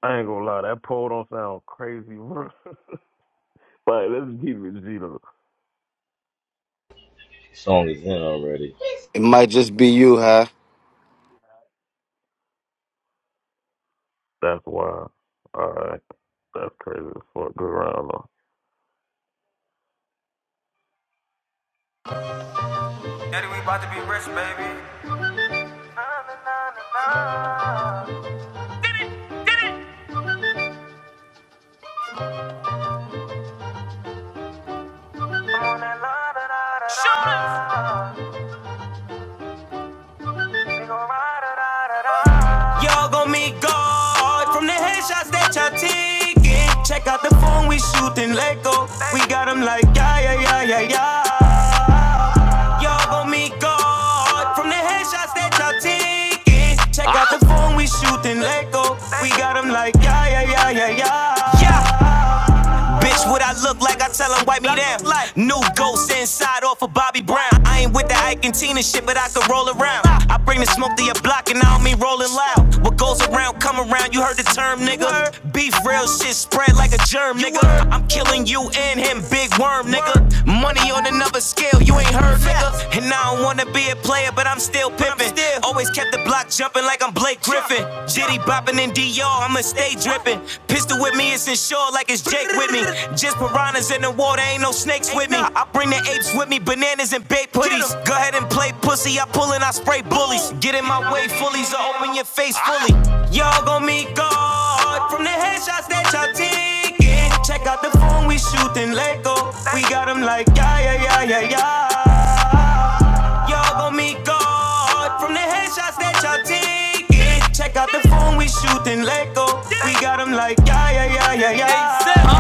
S15: I ain't gonna lie, that poll don't sound crazy, bro. like, let's keep it G though.
S5: Song is in already.
S3: It might just be you, huh?
S15: That's wild. All right, that's crazy as fuck. Good round though.
S34: Daddy, we about to be rich, baby. Shoot us. Y'all gon' meet God from the headshots that y'all taking. Check out the phone we shooting go, We got 'em like yeah yeah yeah yeah yeah. Y'all gon' meet God from the headshots that y'all taking. Check out the phone we shooting go, We got 'em like yeah yeah yeah yeah yeah. Bitch, what I look like, I tell 'em wipe me down. New ghost inside off of Bobby Brown. I ain't with the Ike and Tina shit, but I can roll around. I bring the smoke to your block and I don't mean rolling loud. What goes around, come around, you heard the term, nigga. Beef real shit spread like a germ, nigga. I'm killing you and him, big worm, nigga. Money on another scale, you ain't heard, nigga. And I don't wanna be a player, but I'm still pimping. Always kept the block jumping like I'm Blake Griffin. Griffin. Jitty bopping in DR, I'ma stay dripping. Pistol with me, it's insured like it's Jake with me. Just piranhas in the water, ain't no snakes with me. I bring the apes with me, bananas and baked puddings. Go ahead and play pussy, I pull and I spray bullies. Get in my way, fullies, or open your face fully. Y'all gon' meet God from the headshots that y'all taking. Check out the phone we shooting, let go. We got 'em like, yeah, yeah, yeah, yeah, yeah. Y'all gon' meet God from the headshots that y'all taking. Check out the phone we shooting, let go. We got 'em like, yeah, yeah, yeah, yeah, yeah.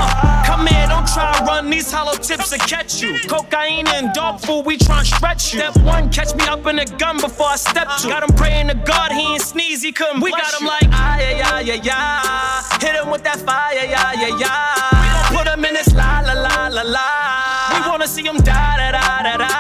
S34: come here, don't try and run these hollow tips to catch you. Cocaine and dog food, we tryna stretch you. Step one, catch me up in a gun before I step two. Got him praying to God, he ain't sneeze, he couldn't bless you. We got him like, ah, yeah, yeah, yeah, yeah. Hit him with that fire, yeah, yeah, yeah. We gon' put him in this la, la, la, la, la. We wanna see him die, da, da, da, da.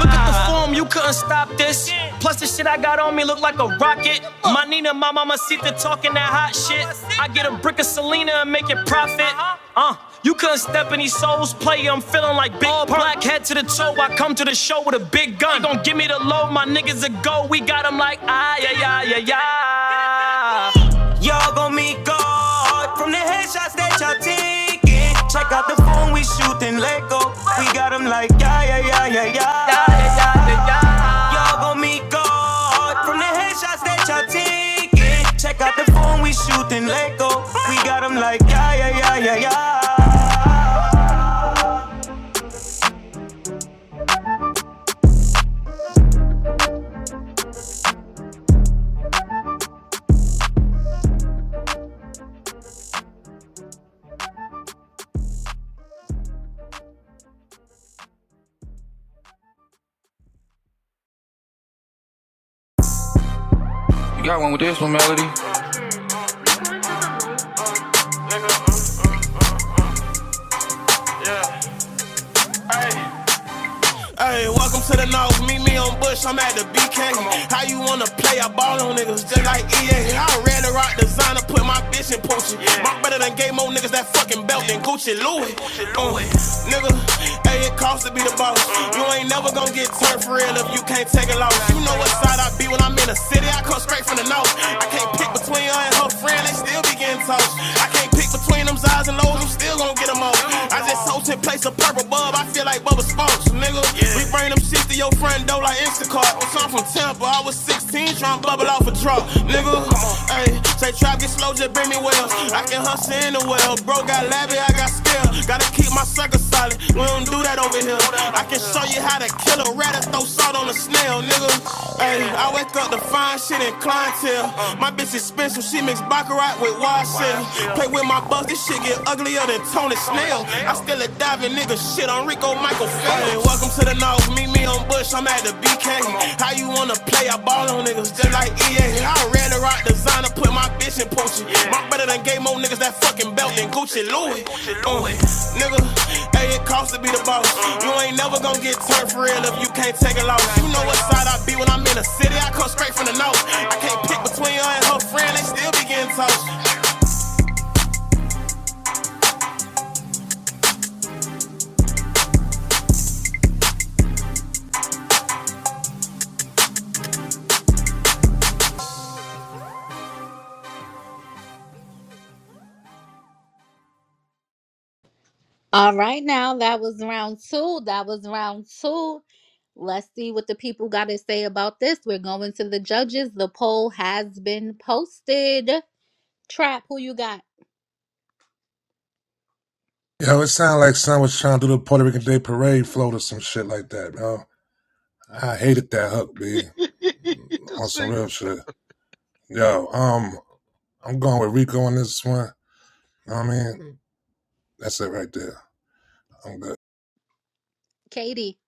S34: Look at with the form, you couldn't stop this. Plus, the shit I got on me look like a rocket. My Nina, my mama Sita talking that hot shit. I get a brick of Selena and make it profit. Uh, you couldn't step in these souls play. I'm feeling like big All black head to the toe. I come to the show with a big gun. They gon' give me the low, my niggas a go. We got 'em like ah yeah yeah yeah yeah. Y'all gon' meet God from the headshots that y'all taking. Check out the phone we shooting let go. We got 'em like yeah yeah yeah yeah yeah. Y'all gon' meet God from the headshots that y'all taking. Check out the phone we shooting Lego. We got 'em like yeah yeah yeah yeah yeah. Hey, welcome to the north. Meet me on Bush. I'm at the BK. How you wanna play? I ball on niggas just like EA. I ran the rock designer, put my bitch in Poochie. My brother done gave more niggas that fucking belt than Gucci Louis. Uh, nigga, hey, it costs to be the boss. You ain't never gonna get turned for real if you can't take a loss. You know what side I be when I'm in the city. I come straight from the north. I can't pick between her and her friend. They still be getting tossed. I can't can't pick between them highs and lows, I'm still gonna get them all. I just sold 10 plates of purple bub, I feel like Bubba Sparks, nigga. Yeah. We bring them shit to your friend, though, like Instacart. I'm from Tampa, I was 16, trying to bubble off a truck, nigga. Hey, say trap get slow, just bring me well. I can hustle in the well, bro got labby, I got skill. Gotta keep my circle solid, we don't do that over here. I can show you how to kill a rat and throw salt on a snail, nigga. Hey, I wake up to find shit in clientele. My bitch is expensive, she mix baccarat with wild shit ceiling. Play with my bucks, this shit get uglier than Tony Snell. I still a diving nigga, shit on Rico Michael Phelps. Hey, Welcome to the North, meet me on Bush, I'm at the BK. How you wanna play? I ball on niggas just like EA. I rather rock designer, put my bitch in Poochie. My brother done gave more niggas that fucking belt than Gucci Louis. Uh, nigga, hey, it costs to be the boss. You ain't never gonna get turned for real if you can't take a loss. You know what side I be when I'm in the city, I come straight from the north. I can't pick between her and her friend, they still be getting tossed.
S1: All right, now that was round two. That was round two. Let's see what the people got to say about this. We're going to the judges. The poll has been posted. Trap, who you got?
S16: Yo, it sounded like son was trying to do the Puerto Rican Day Parade float or some shit like that, yo. I hated that hook, B.
S7: the
S16: On some real
S7: singles.
S16: shit. Yo, um, I'm going with Rico on this one. Know what I mean? That's it right there. I'm good.
S1: Katie.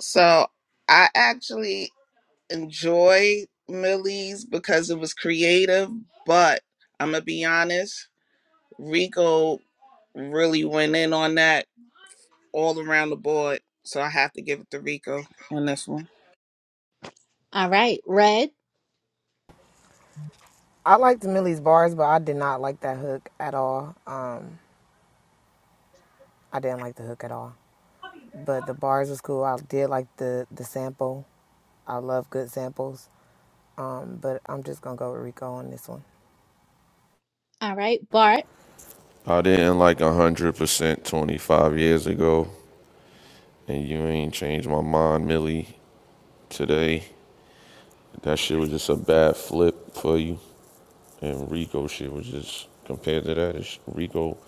S14: So I actually enjoyed Millie's because it was creative, but I'm gonna be honest, Rico really went in on that all around the board. So I have to give it to Rico on this one.
S1: All right, Red.
S19: I liked Millie's bars, but I did not like that hook at all. Um, I didn't like the hook at all. But the bars was cool. I did like the, the sample. I love good samples. Um, but I'm just gonna go with Rico on this one.
S1: All right, Bart.
S9: I didn't like 100% 25 years ago, and you ain't changed my mind, Millie, today. That shit was just a bad flip for you, and Rico shit was just, compared to that, it's Rico,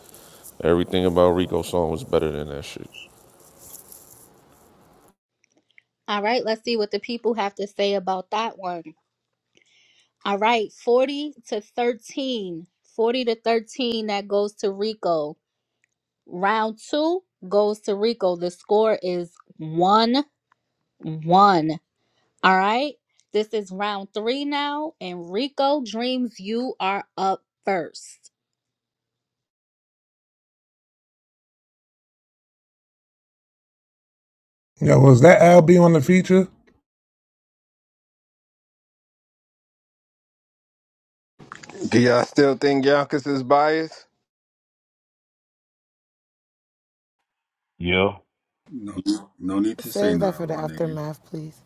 S9: everything about Rico's song was better than that shit.
S1: All right, let's see what the people have to say about that one. All right, 40 to 13. 40 to 13, that goes to Rico. Round two goes to Rico. The score is 1 1. All right. This is round three now. And Rico Dreams, you are up first.
S16: Yo, was that Al B on the feature?
S17: Do y'all still think Yonkers is biased?
S15: Yeah.
S35: No, no need to say
S19: Save that for
S35: nothing,
S19: the
S35: my nigga.
S19: aftermath, please.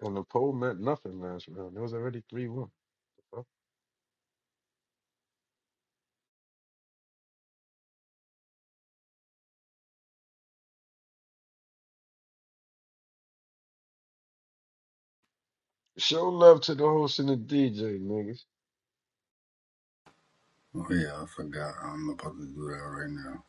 S7: And the poll meant nothing last round. It was already three one. Show love to the host and the DJ, niggas.
S35: Oh yeah, I forgot. I'm about to do that right now.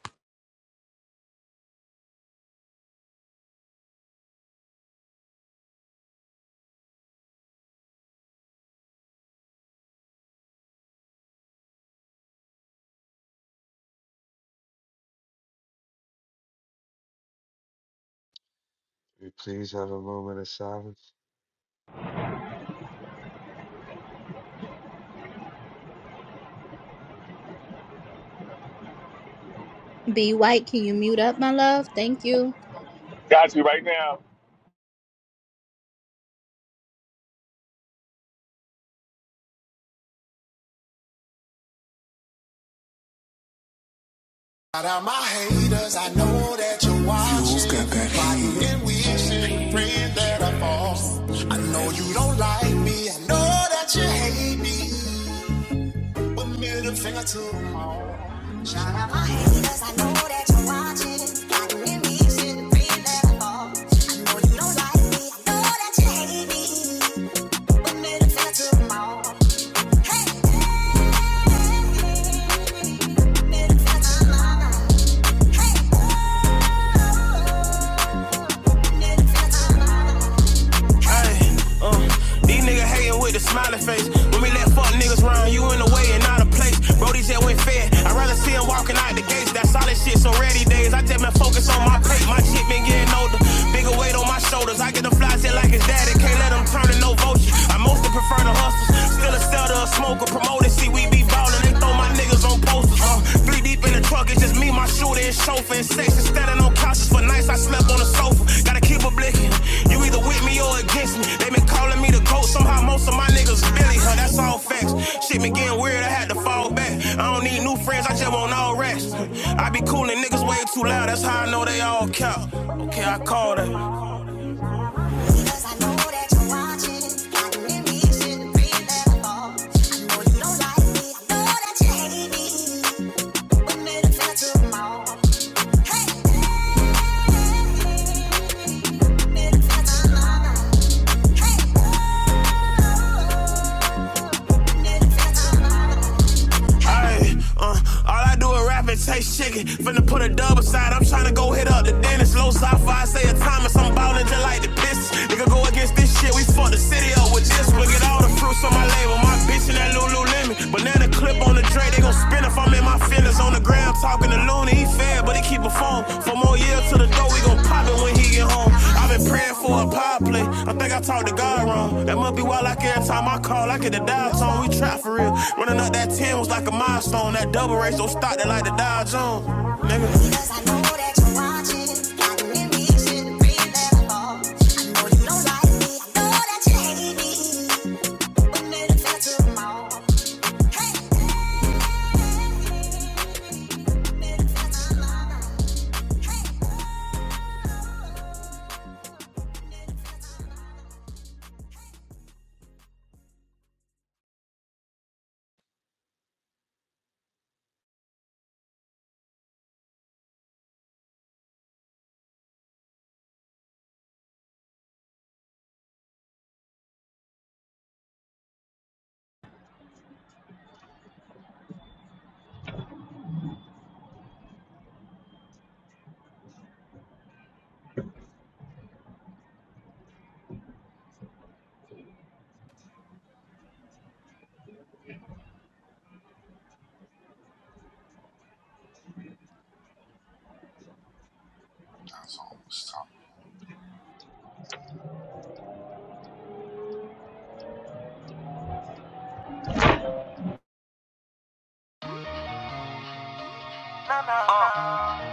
S7: Can We please have a moment of silence.
S1: Be White, can you mute up, my love? Thank you.
S38: Got you right now.
S34: Got that heat. And we should pray that I fall. I know you don't like me. I know that you hate me. But middle finger to them all. Shout out my haters. I know that you're watching. Got an ambition, pray that I fall. I know you don't like me. I know that you hate me. Hey! Ay, uh, these niggas hating with the smiley face. When we let fuck niggas round, you in the way and out of place. Brody that went fair. I'd rather see him walking out the gates. That solid shit, so ready days. I just been focused on my plate. My shit been getting older. Bigger weight on my shoulders. I get the flies in like his daddy. Can't let him turn to no vulture. I mostly prefer the hustlers. Still a seller, a smoker, promoter. See, we be ballin'. They throw my niggas on posters loafers. Uh, fleet deep in the truck, it's just me, my shooter, and chauffeur. And sex is standing on couches for nights I slept on the sofa. Gotta keep a blicking. You either with me or against me. They been calling me the GOAT, somehow most of my niggas Billy, huh? That's all facts. Shit been getting weird, I had to fall back. I don't need new friends, I just want all rats. I be coolin' niggas way too loud, that's how I know they all count. Okay, I called it. Hey! Ayy, uh, all I do is rap and taste chicken. Finna put a dub aside, I'm tryna go hit up the dentist. Low sci-fi, say a Thomas, I'm ballin' just like the piss. Nigga go against this shit, we fuck the city up with this. We'll get all the fruits on my label, my bitch in that Lululemon. Banana clip on the tray, they gon' spin if I'm in my feelings. On the ground talking to Looney, he fan, but he keep a phone. Four more years to the door, we gon' pop it when he get home. i been praying for a pop play. I think I talked to God wrong. That must be why like every time I call, I get the dial tone. We try for real. Running up that 10 was like a milestone. That double race don't stop that like the Dow Jones. Nigga. like Hey, hey, hey. Uh, uh,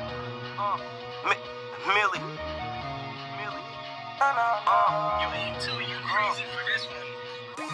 S34: Millie. Uh, you eat too, you crazy for this one.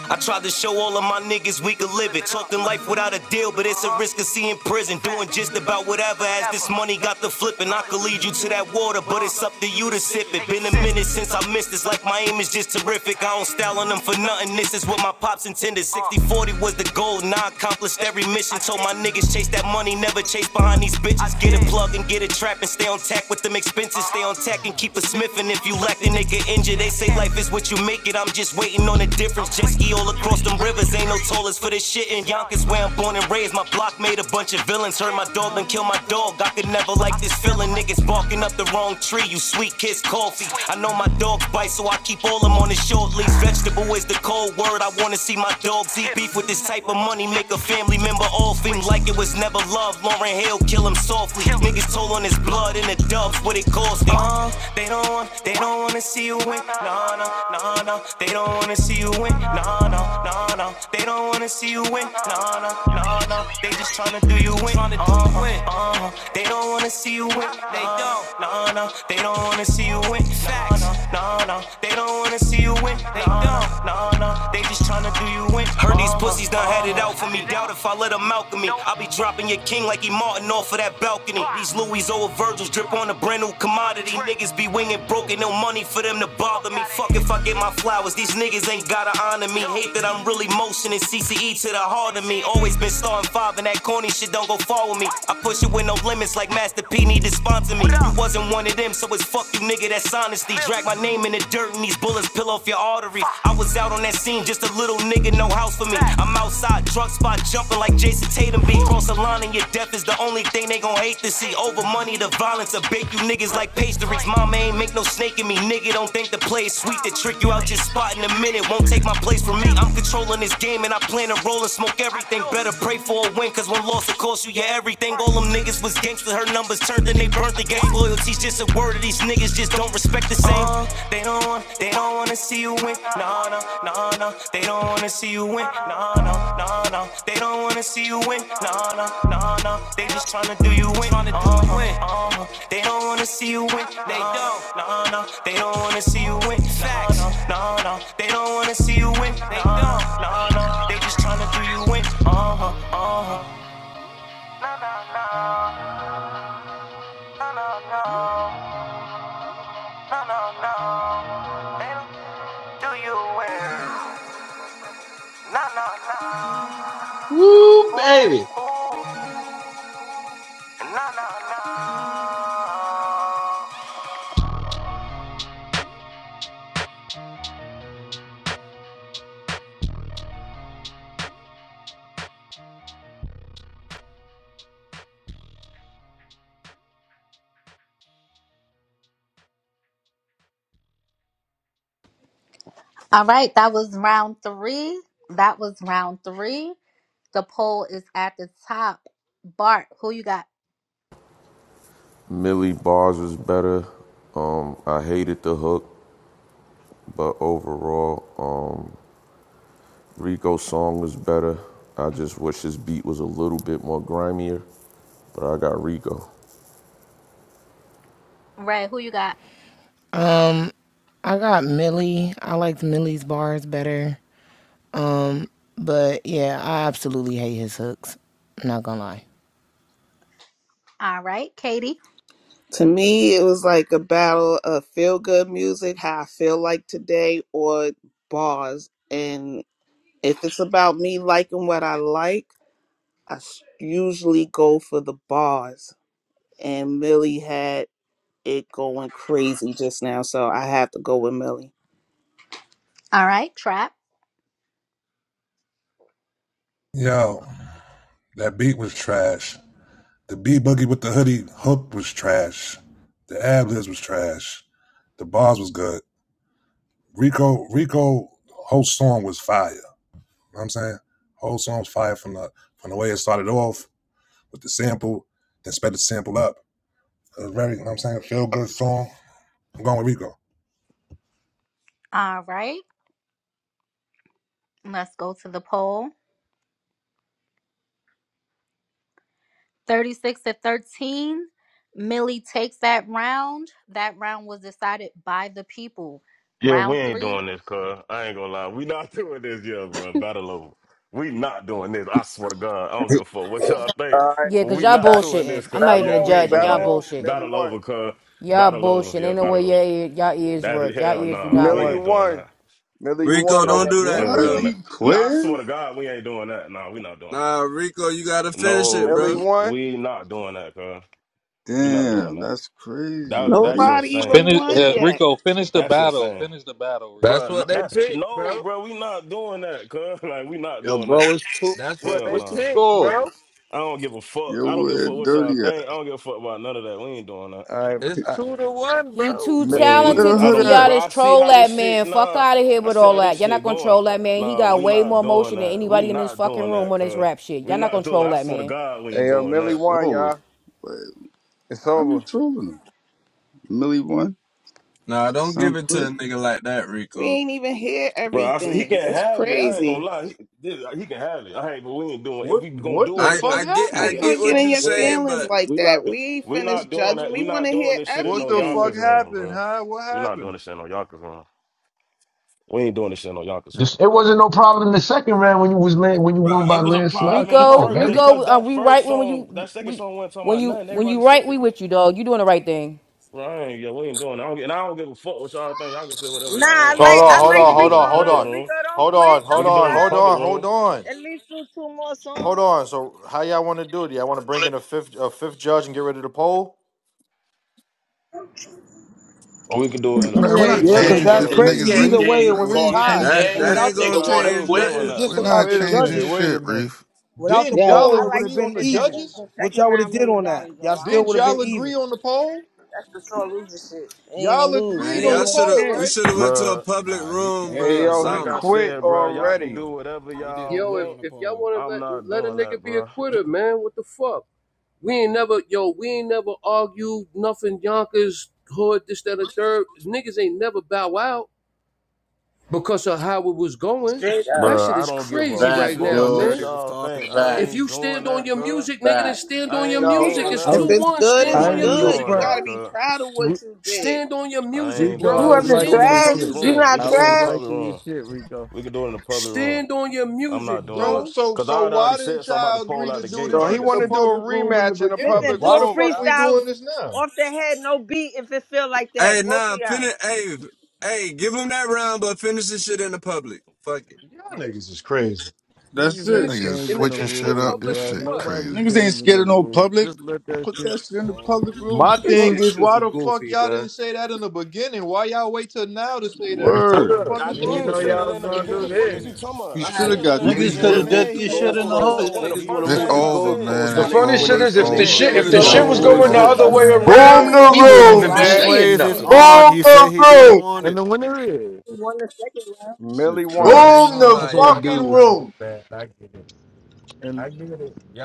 S34: I tried to show all of my niggas we could live it. Talking life without a deal, but it's a risk of seeing prison. Doing just about whatever as this money got the flipping. I could lead you to that water, but it's up to you to sip it. Been a minute since I missed this, like my aim is just terrific. I don't style on them for nothing. This is what my pops intended. 60 40 was the goal, now I accomplished every mission. Told my niggas chase that money, never chase behind these bitches. Get a plug and get a trap and stay on tack with them expenses. Stay on tack and keep a smith. And if if you lack the nigga injured. They say life is what you make it. I'm just waiting on a difference. Jet ski all across them rivers. Ain't no tallest for this shit. In Yonkers, where I'm born and raised, my block made a bunch of villains. Hurt my dog and kill my dog. I could never like this feeling. Niggas barking up the wrong tree. You sweet kiss coffee. I know my dog bites, so I keep all them on the short leash. Vegetable is the cold word. I wanna see my dogs eat beef with this type of money. Make a family member all fame like it was never love. Lauren Hill kill him so softly. Niggas told on his blood and the dubs, what it cost me. Uh, they don't want, they don't wanna see you win. Nah, nah, nah, nah. They don't wanna see you win. Nah, nah, nah, nah. They don't wanna see you win. Nah, nah, nah, nah. They just tryna do you in. Tryna do you in. Uh, they don't wanna see you win. They don't. Nah, nah. They don't wanna see you win. Facts. Nah, nah. nah. They don't wanna see you win. They don't. Nah, nah. They just tryna do you in. Heard these pussies done had it out for me. Doubt if I let him out of me. I'll be dropping your king like he Martin off of that balcony. These Louis old Virgils drip on a brand new commodity. Niggas be winging broke, ain't no money for them to bother me. Fuck if I get my flowers, these niggas ain't gotta honor me. Hate that I'm really motioning CCE to the heart of me. Always been starting five, and that corny shit don't go far with me. I push it with no limits, like Master P need to sponsor me. You wasn't one of them, so it's fuck you, nigga, that's honesty. Drag my name in the dirt, and these bullets just peel off your artery. I was out on that scene, just a little nigga, no house for me. I'm outside, truck spot jumping like Jason Tatum be. Cross the line and your death is the only thing they gon' hate to see. Over money, the violence will bake you niggas like pastries. Mama ain't make no snake in me, nigga. Don't think the play is sweet to trick you out your spot in a minute. Won't take my place from me. I'm controlling this game and I plan to roll and smoke everything. Better pray for a win, cause one loss will cost you your everything. All them niggas was gangsters, her numbers turned and they burnt the game. Loyalty's just a word of these niggas just don't respect the same. Uh, they don't want, they don't wanna see you win. No, no, no, no. They don't wanna see you win. No, no, no, no. They don't wanna see you win. No, no, no, no. They just tryna do you win. Tryna do uh-huh, you win. Uh-huh. They don't wanna see you win. They don't. No, no. They don't wanna see you win. Facts. No, no, no. They don't wanna see you win. They don't. No, no. They just tryna do you win. Uh huh. Uh huh. No, no, no. No, no, no. No, no, no. They do you wear? No, no, no.
S7: Woo, baby.
S34: Ooh, ooh. No, no, no.
S1: All right. That was round three. That was round three. The poll is at the top. Bart, who you got?
S9: Millie bars was better. Um, I hated the hook. But overall, um, Rico's song was better. I just wish his beat was a little bit more grimier, but I got Rico.
S1: Ray, who you got?
S19: Um, I got Millie. I liked Millie's bars better. Um, but yeah, I absolutely hate his hooks. I'm not gonna lie.
S1: All right. Katie.
S14: To me, it was like a battle of feel good music, how I feel like today, or bars. And if it's about me liking what I like, I s- usually go for the bars. And Millie had it going crazy just now, so I have to go with Millie.
S1: All right. Trap.
S16: Yo, that beat was trash. The B boogie with the hoodie hook was trash. The ad libs was trash. The bars was good. Rico, Rico, whole song was fire. know what I'm saying? Whole song's fire from the from the way it started off with the sample, then sped the sample up. It was very, you know what I'm saying, feel good song. I'm going with Rico.
S1: All right. Let's go to the poll. 36 to 13, Millie takes that round. That round was decided by the people.
S15: Yeah, we
S1: Round
S15: ain't
S1: three,
S15: doing this, cuz. I ain't gonna lie. We not doing this, yeah, bro. Battle over. We not doing this. I swear to God. I
S17: All
S15: don't give a fuck what y'all think.
S17: right,
S39: Yeah,
S15: But
S39: cause
S15: we
S17: it's
S39: y'all
S15: not
S17: ba-
S15: doing
S39: bullshitting.
S15: this,
S39: I'm not
S15: cuz.
S17: battle
S39: even a
S15: Yeah, we
S17: over,
S39: judge,
S15: ain't
S39: and
S15: doing
S17: battle
S39: y'all
S15: this.
S17: over.
S39: bullshitting.
S17: Millie
S15: Battle
S17: won.
S15: over, cuz.
S39: Y'all
S15: Battle over.
S39: bullshitting.
S15: Yeah,
S39: Ain't no way
S15: battle over.
S39: y'all, ear, y'all ears
S15: That's
S39: work. Y'all
S15: hell
S39: ears do
S15: nah.
S39: not
S15: we
S17: Miller, you
S39: work.
S15: ain't doing
S17: won.
S15: that.
S17: Miller, you won
S31: Rico, don't
S15: Yeah,
S17: already.
S31: do
S15: we
S31: that,
S15: ain't
S35: What?
S31: bro.
S15: doing
S35: He
S15: that. Nah, I
S35: quit?
S15: swear to God, we ain't doing that. Nah, we not doing that.
S31: Nah, Rico, you gotta finish it,
S15: No,
S17: Miller, you
S31: bro.
S17: won.
S15: we not doing that, cuz. We not doing
S35: Damn,
S15: that.
S35: that's crazy.
S15: That
S35: Why
S15: that's
S35: you,
S14: Nobody
S15: insane.
S14: even
S18: Finish,
S14: won
S18: uh,
S14: yet.
S18: Rico. Finish the
S15: That's
S18: battle.
S15: insane.
S18: Finish the battle,
S31: That's
S15: Bro,
S18: Rico.
S15: no,
S31: what they
S15: that's
S31: pick,
S15: no,
S31: bro.
S15: bro. We not doing that, cuz. Like, we not
S37: Yo,
S15: doing
S37: bro,
S15: that.
S37: it's two.
S31: That's
S37: What,
S31: what
S15: Hell
S31: they
S37: what's the
S15: no.
S31: pick,
S37: score?
S31: bro.
S15: I don't give a fuck.
S35: yo,
S15: I don't give a
S35: where
S15: fuck what y'all
S35: dirty
S15: think. I don't give a fuck about none of that. We ain't doing that.
S17: All right.
S31: It's
S35: at?
S17: I,
S31: two to one,
S39: He
S31: bro.
S39: too
S17: Mi-
S15: We
S35: Where
S15: ain't,
S35: the
S39: talented to
S15: I
S39: for
S35: hood
S15: don't get,
S35: at?
S39: y'all
S15: bro.
S39: to
S15: I see
S39: troll
S15: how
S39: that
S15: this
S39: man.
S15: shit,
S39: Fuck
S15: nah.
S39: out of here
S15: I
S39: with
S15: see
S39: all
S15: how
S39: that.
S15: this
S39: Y'all not
S15: shit
S39: gonna
S15: going.
S39: troll that man. He
S15: Nah,
S39: got
S15: we
S39: way more
S15: not doing
S39: emotion than
S15: that. We
S39: anybody in this
S15: not
S39: fucking
S15: doing
S39: room
S15: that,
S39: on this
S15: cuz.
S39: rap shit.
S15: We
S39: Y'all not gonna
S15: not doing.
S39: troll
S15: I
S39: that
S15: swear to
S39: man.
S15: God, we
S17: hey,
S15: ain't
S17: yo,
S15: doing
S17: Millie
S15: that.
S17: won,
S35: Troll.
S17: y'all.
S35: Wait,
S17: It's
S35: how you
S17: over.
S35: trolling him? Millie one?
S31: Nah, don't give
S35: Sound
S31: it to
S35: quit?
S31: a nigga like that,
S14: We
S31: Rico.
S14: ain't even hear
S15: Bro, I said he
S14: everything.
S15: can
S14: That's
S15: have it. I ain't
S14: crazy.
S15: gonna lie. He, this- he can have it. I ain't, but we ain't doing. If
S11: What
S15: we gonna
S11: what
S15: do
S11: the
S15: it,
S31: I
S15: we gonna
S11: fuck
S31: I
S15: do it
S31: get
S14: How
S31: I
S11: happened?
S14: you
S15: in
S31: get
S14: gonna
S15: a
S14: get
S31: what
S14: in
S31: you
S15: public
S14: your
S15: room.
S31: saying,
S14: feelings
S31: but
S14: like
S15: We
S14: that?
S15: not. Do,
S14: We ain't
S15: we not
S14: finished
S15: doing
S14: judging.
S15: that.
S14: We
S15: We
S14: want
S15: not
S14: to
S15: doing
S14: hear
S15: this shit in
S11: What
S15: no
S11: the
S14: everything.
S11: fuck
S15: Yonkers room,
S11: happened,
S15: bro.
S11: huh? What
S15: We not doing
S11: happened?
S15: this shit in no Yonkers room. We ain't doing this shit in no Yonkers
S7: This,
S15: room.
S7: it wasn't no problem in the second round when you was land, when you
S15: Bro,
S7: won by
S15: it was a
S7: landslide.
S15: problem in the
S7: Come
S39: Rico,
S7: on,
S15: first
S7: baby.
S39: Rico,
S15: because
S39: uh,
S15: that
S39: we right
S15: first
S39: when
S15: song,
S39: you
S15: that second
S39: we
S15: song wasn't talking
S39: when
S15: about
S39: you
S15: nothing.
S39: when
S15: Everybody
S39: you
S15: said
S39: right we
S15: it.
S39: with you, dog. You doing the right thing.
S15: Bro, I ain't, yeah, we ain't doing that. I don't, and I don't give a fuck what y'all think. Y'all can say whatever
S32: Nah,
S15: y'all
S32: I
S15: want. I
S4: Hold
S32: like
S15: ain't
S4: on,
S32: I
S15: doing that.
S4: hold
S15: We
S32: like
S4: on,
S15: can do
S4: hold
S15: it in the
S4: on,
S32: Rico
S4: hold
S15: public
S32: though.
S4: on,
S15: room.
S32: Rico, don't
S4: hold
S32: quit,
S4: on,
S15: We
S4: hold
S32: don't
S15: can do it
S4: on,
S15: in the
S4: hold
S32: stop.
S15: public
S4: on, hold
S15: room.
S4: on,
S32: At least do two more
S4: hold
S32: songs.
S4: on. So how y'all want to do it? Y'all want to bring in a fifth a fifth judge and get rid of the poll?
S15: Or we can do it in a
S40: Man, we're not
S15: public
S12: 0. Yeah, because
S15: room,
S40: changing
S12: that's
S40: shit
S15: bro,
S40: for
S15: with
S12: crazy.
S40: niggas,
S12: Either
S15: with
S40: Reef.
S12: way,
S15: e-
S12: it
S40: Man,
S12: was
S40: We
S12: a
S15: with
S40: ain't
S15: equal
S12: tie.
S40: changing
S31: that
S12: If, if
S15: people,
S31: that
S40: shit.
S31: ain't
S12: without the
S31: gonna
S15: bro. We
S12: if,
S31: change
S15: ain't
S12: if it
S15: doing
S12: was
S31: nothing,
S15: that,
S12: just
S40: We're
S15: bro.
S12: about
S40: not
S12: the
S11: Wait a
S40: changing
S11: minute,
S12: judges,
S11: wait
S40: shit,
S11: a minute.
S40: Reef.
S12: without the
S11: Didn't
S32: Yo,
S11: y'all
S12: poll,
S32: I
S12: it would
S32: like
S12: have
S11: agree
S32: the
S12: been
S11: on the
S32: shit that
S12: even.
S32: Lil-
S11: judges?
S32: the
S12: What
S32: second
S12: y'all would have
S32: round
S12: did
S32: Lily
S12: on
S32: got
S12: that?
S32: it
S12: Y'all
S32: though. I
S12: still
S32: don't
S11: Didn't
S12: would have
S32: care.
S11: y'all
S12: been
S11: agree
S12: even.
S11: on the poll?
S32: That's the sore loser shit. You ain't
S11: Y'all
S32: even lose.
S31: man.
S11: agreed
S32: You
S11: on
S32: ain't
S31: Y'all
S11: the
S31: should
S32: even
S31: have
S11: poll,
S31: we
S32: serious.
S11: right?
S31: should have went to a
S15: Bro,
S31: public
S8: Nah, he
S31: room,
S8: he
S17: Hey,
S31: bro, or
S8: didn't
S17: yo, he
S8: agree
S15: like I
S8: on
S31: something.
S8: he
S17: quit
S8: didn't
S15: said, bro,
S8: agree on the
S15: y'all can
S17: already.
S15: do
S8: poll.
S15: whatever
S8: He didn't
S15: y'all
S41: Yo,
S8: agree
S41: if,
S8: on
S15: want.
S8: the
S41: if y'all
S8: poll.
S41: wanna
S15: I'm
S41: let
S15: not
S41: let a
S15: doing that,
S41: nigga be a
S15: bro.
S41: quitter, man, what the fuck? We ain't never yo, we ain't never argued nothing Yonkers hood, this, that, or third. Niggas ain't never bow out because of how it was going. That
S15: Bro,
S41: shit
S15: I
S41: is
S15: don't give a
S41: crazy
S8: This
S41: right
S8: is
S15: fuck
S41: now,
S8: what
S15: what
S8: Dirty
S41: man.
S8: was
S15: y'all
S8: talking
S15: think. I
S8: about.
S41: If
S15: ain't
S41: you
S15: doing
S41: stand on
S15: that,
S41: your
S15: cuz.
S41: music, nigga, then stand
S15: I
S41: on your
S15: ain't
S17: No,
S41: music.
S15: doing
S41: It's
S2: I
S15: that,
S14: If
S2: was
S14: it's
S41: 2-1.
S14: good,
S15: bro.
S41: Stand
S14: it's
S2: I
S41: on
S15: I
S2: ain't
S41: your
S15: ain't
S2: even gonna
S14: good.
S41: music,
S15: doing
S14: You
S2: front.
S15: that,
S14: gotta
S41: bro.
S14: be
S15: cuz.
S14: proud of
S2: Ri-
S14: what you did.
S41: Stand on your
S15: I
S41: music,
S15: ain't
S2: Rico,
S32: You
S15: doing
S2: I
S41: bro.
S15: that.
S2: was
S15: We can
S32: wasn't
S15: do
S41: Stand
S15: it
S2: liking
S15: in a
S41: on
S2: your
S41: your
S32: trash.
S15: public
S2: shit.
S32: You
S41: music.
S15: room. We
S32: not
S15: can
S2: I
S15: do it in a
S2: was
S32: trash.
S15: public
S2: liking your
S15: room.
S2: shit, Rico.
S15: We can do it in a public room.
S41: Stand on your
S15: I'm
S41: music,
S15: not doing
S11: So
S15: that.
S41: bro.
S11: so
S15: Cause
S11: so
S15: I had already
S11: why
S15: said
S11: didn't
S15: something about the
S11: y'all
S15: poll
S11: agree
S15: out
S11: to
S15: the
S11: do
S15: gate. I
S11: this
S17: no, he
S11: shit
S15: already
S11: in
S17: want
S11: the
S17: to
S15: see.
S17: do a
S11: public room in the
S17: rematch in a
S11: beginning?
S32: Listen,
S17: public
S32: do
S11: Why
S32: a
S11: the
S17: room,
S11: fuck we
S17: y'all.
S32: freestyle
S11: doing this now?
S32: off the head, no beat if it feel like
S31: Hey,
S32: that. Both of
S31: nah,
S32: y'all.
S31: finish. Hey, hey, give him that round, but finish this shit in the public. Fuck it.
S11: Y'all niggas is crazy.
S35: That's
S2: Niggas
S35: it.
S41: Finish
S2: ain't
S41: it
S40: Niggas
S41: in
S2: changing
S41: the,
S2: the
S40: switching
S41: in the
S40: shit
S2: rules,
S40: up.
S41: public
S40: This
S41: for
S2: bro.
S40: shit
S41: what?
S2: Nobody
S40: crazy.
S35: Niggas ain't
S2: changing
S35: scared
S2: the
S35: of no
S2: rules.
S35: public.
S2: Just let that
S35: Put
S2: shit
S35: that shit in the
S8: Oh,
S35: public
S8: you
S35: room.
S8: will
S35: What
S11: My
S35: the
S41: This
S8: be,
S11: thing
S35: fuck?
S41: shit's
S11: is,
S8: you
S11: why
S41: super
S11: the
S8: will
S11: fuck
S41: goofy,
S8: be.
S11: y'all
S41: man.
S11: didn't say that in the beginning? Why y'all wait till now to say that?
S31: Hey,
S15: I
S31: shut
S11: What
S35: Word.
S11: the
S31: up.
S11: fuck
S15: I
S11: is
S31: We
S11: wrong
S31: didn't
S8: He
S15: did
S31: know
S11: with
S15: say
S11: y'all?
S15: that
S31: y'all
S8: did
S31: was
S15: in the
S8: say
S31: gonna
S8: it in the
S31: do
S15: beginning. Fuck
S31: this.
S15: is you
S8: beginning.
S15: talking
S35: He
S15: about? I
S32: Nah,
S35: should have
S15: said
S8: He
S15: that
S35: got
S15: in the
S35: three
S26: Niggas
S41: Niggas
S8: he
S26: could
S41: want
S35: zip.
S41: to
S15: beginning.
S26: have
S41: move
S8: said
S26: did
S41: the
S8: he
S26: this shit
S8: didn't
S15: That's
S26: in
S15: the
S8: want
S26: the
S8: the
S15: that's
S41: goalposts.
S15: the
S26: hood.
S15: one of
S8: poll.
S15: the
S41: Niggas
S8: He
S41: want to
S15: first
S40: It's
S41: move
S8: said
S41: the
S15: things
S8: he,
S15: I
S40: over,
S15: said.
S41: goalposts
S40: man.
S7: The
S41: when
S32: nah.
S40: It's
S41: they
S7: funny
S8: he
S41: when
S40: over.
S7: shit
S41: they
S40: It's
S7: is,
S8: the
S41: when
S15: And
S7: if
S41: they
S7: the
S35: He
S15: then
S40: over.
S7: shit
S32: You
S41: feeling
S35: should
S8: replays
S15: every
S7: if
S40: It's
S35: have
S7: the
S8: is
S41: some
S32: feel
S42: It's
S35: got
S41: type
S15: judge
S7: shit
S32: like
S7: was
S41: of
S40: over.
S32: you
S8: on.
S40: It's
S15: every
S35: four
S42: over.
S41: way.
S32: He
S7: going the
S35: zip,
S15: judge
S40: over.
S7: other
S15: I
S32: feel he
S7: way
S35: yo.
S15: tried to
S32: feel like
S15: agree
S43: Boom
S7: around,
S32: you.
S15: on,
S43: the
S15: y'all
S7: we
S32: You're
S15: talking
S7: wouldn't
S32: being
S15: about
S8: The
S7: even
S43: room,
S15: no,
S7: be
S15: like
S43: man.
S15: what
S32: biased.
S15: the
S7: saying
S8: replays
S15: fuck?
S8: is
S32: You're
S7: nothing.
S32: not.
S8: on.
S43: Boom
S8: He said
S43: the
S8: he
S43: room.
S8: didn't want
S2: and
S8: it.
S2: the winner is.
S32: won the second round.
S17: Millie
S35: Shit,
S17: won.
S31: I
S35: trash.
S31: ain't gonna lie,
S42: That's
S31: y'all gotta
S42: OD.
S31: win one bad. I get it.
S2: And
S31: I get it. Y'all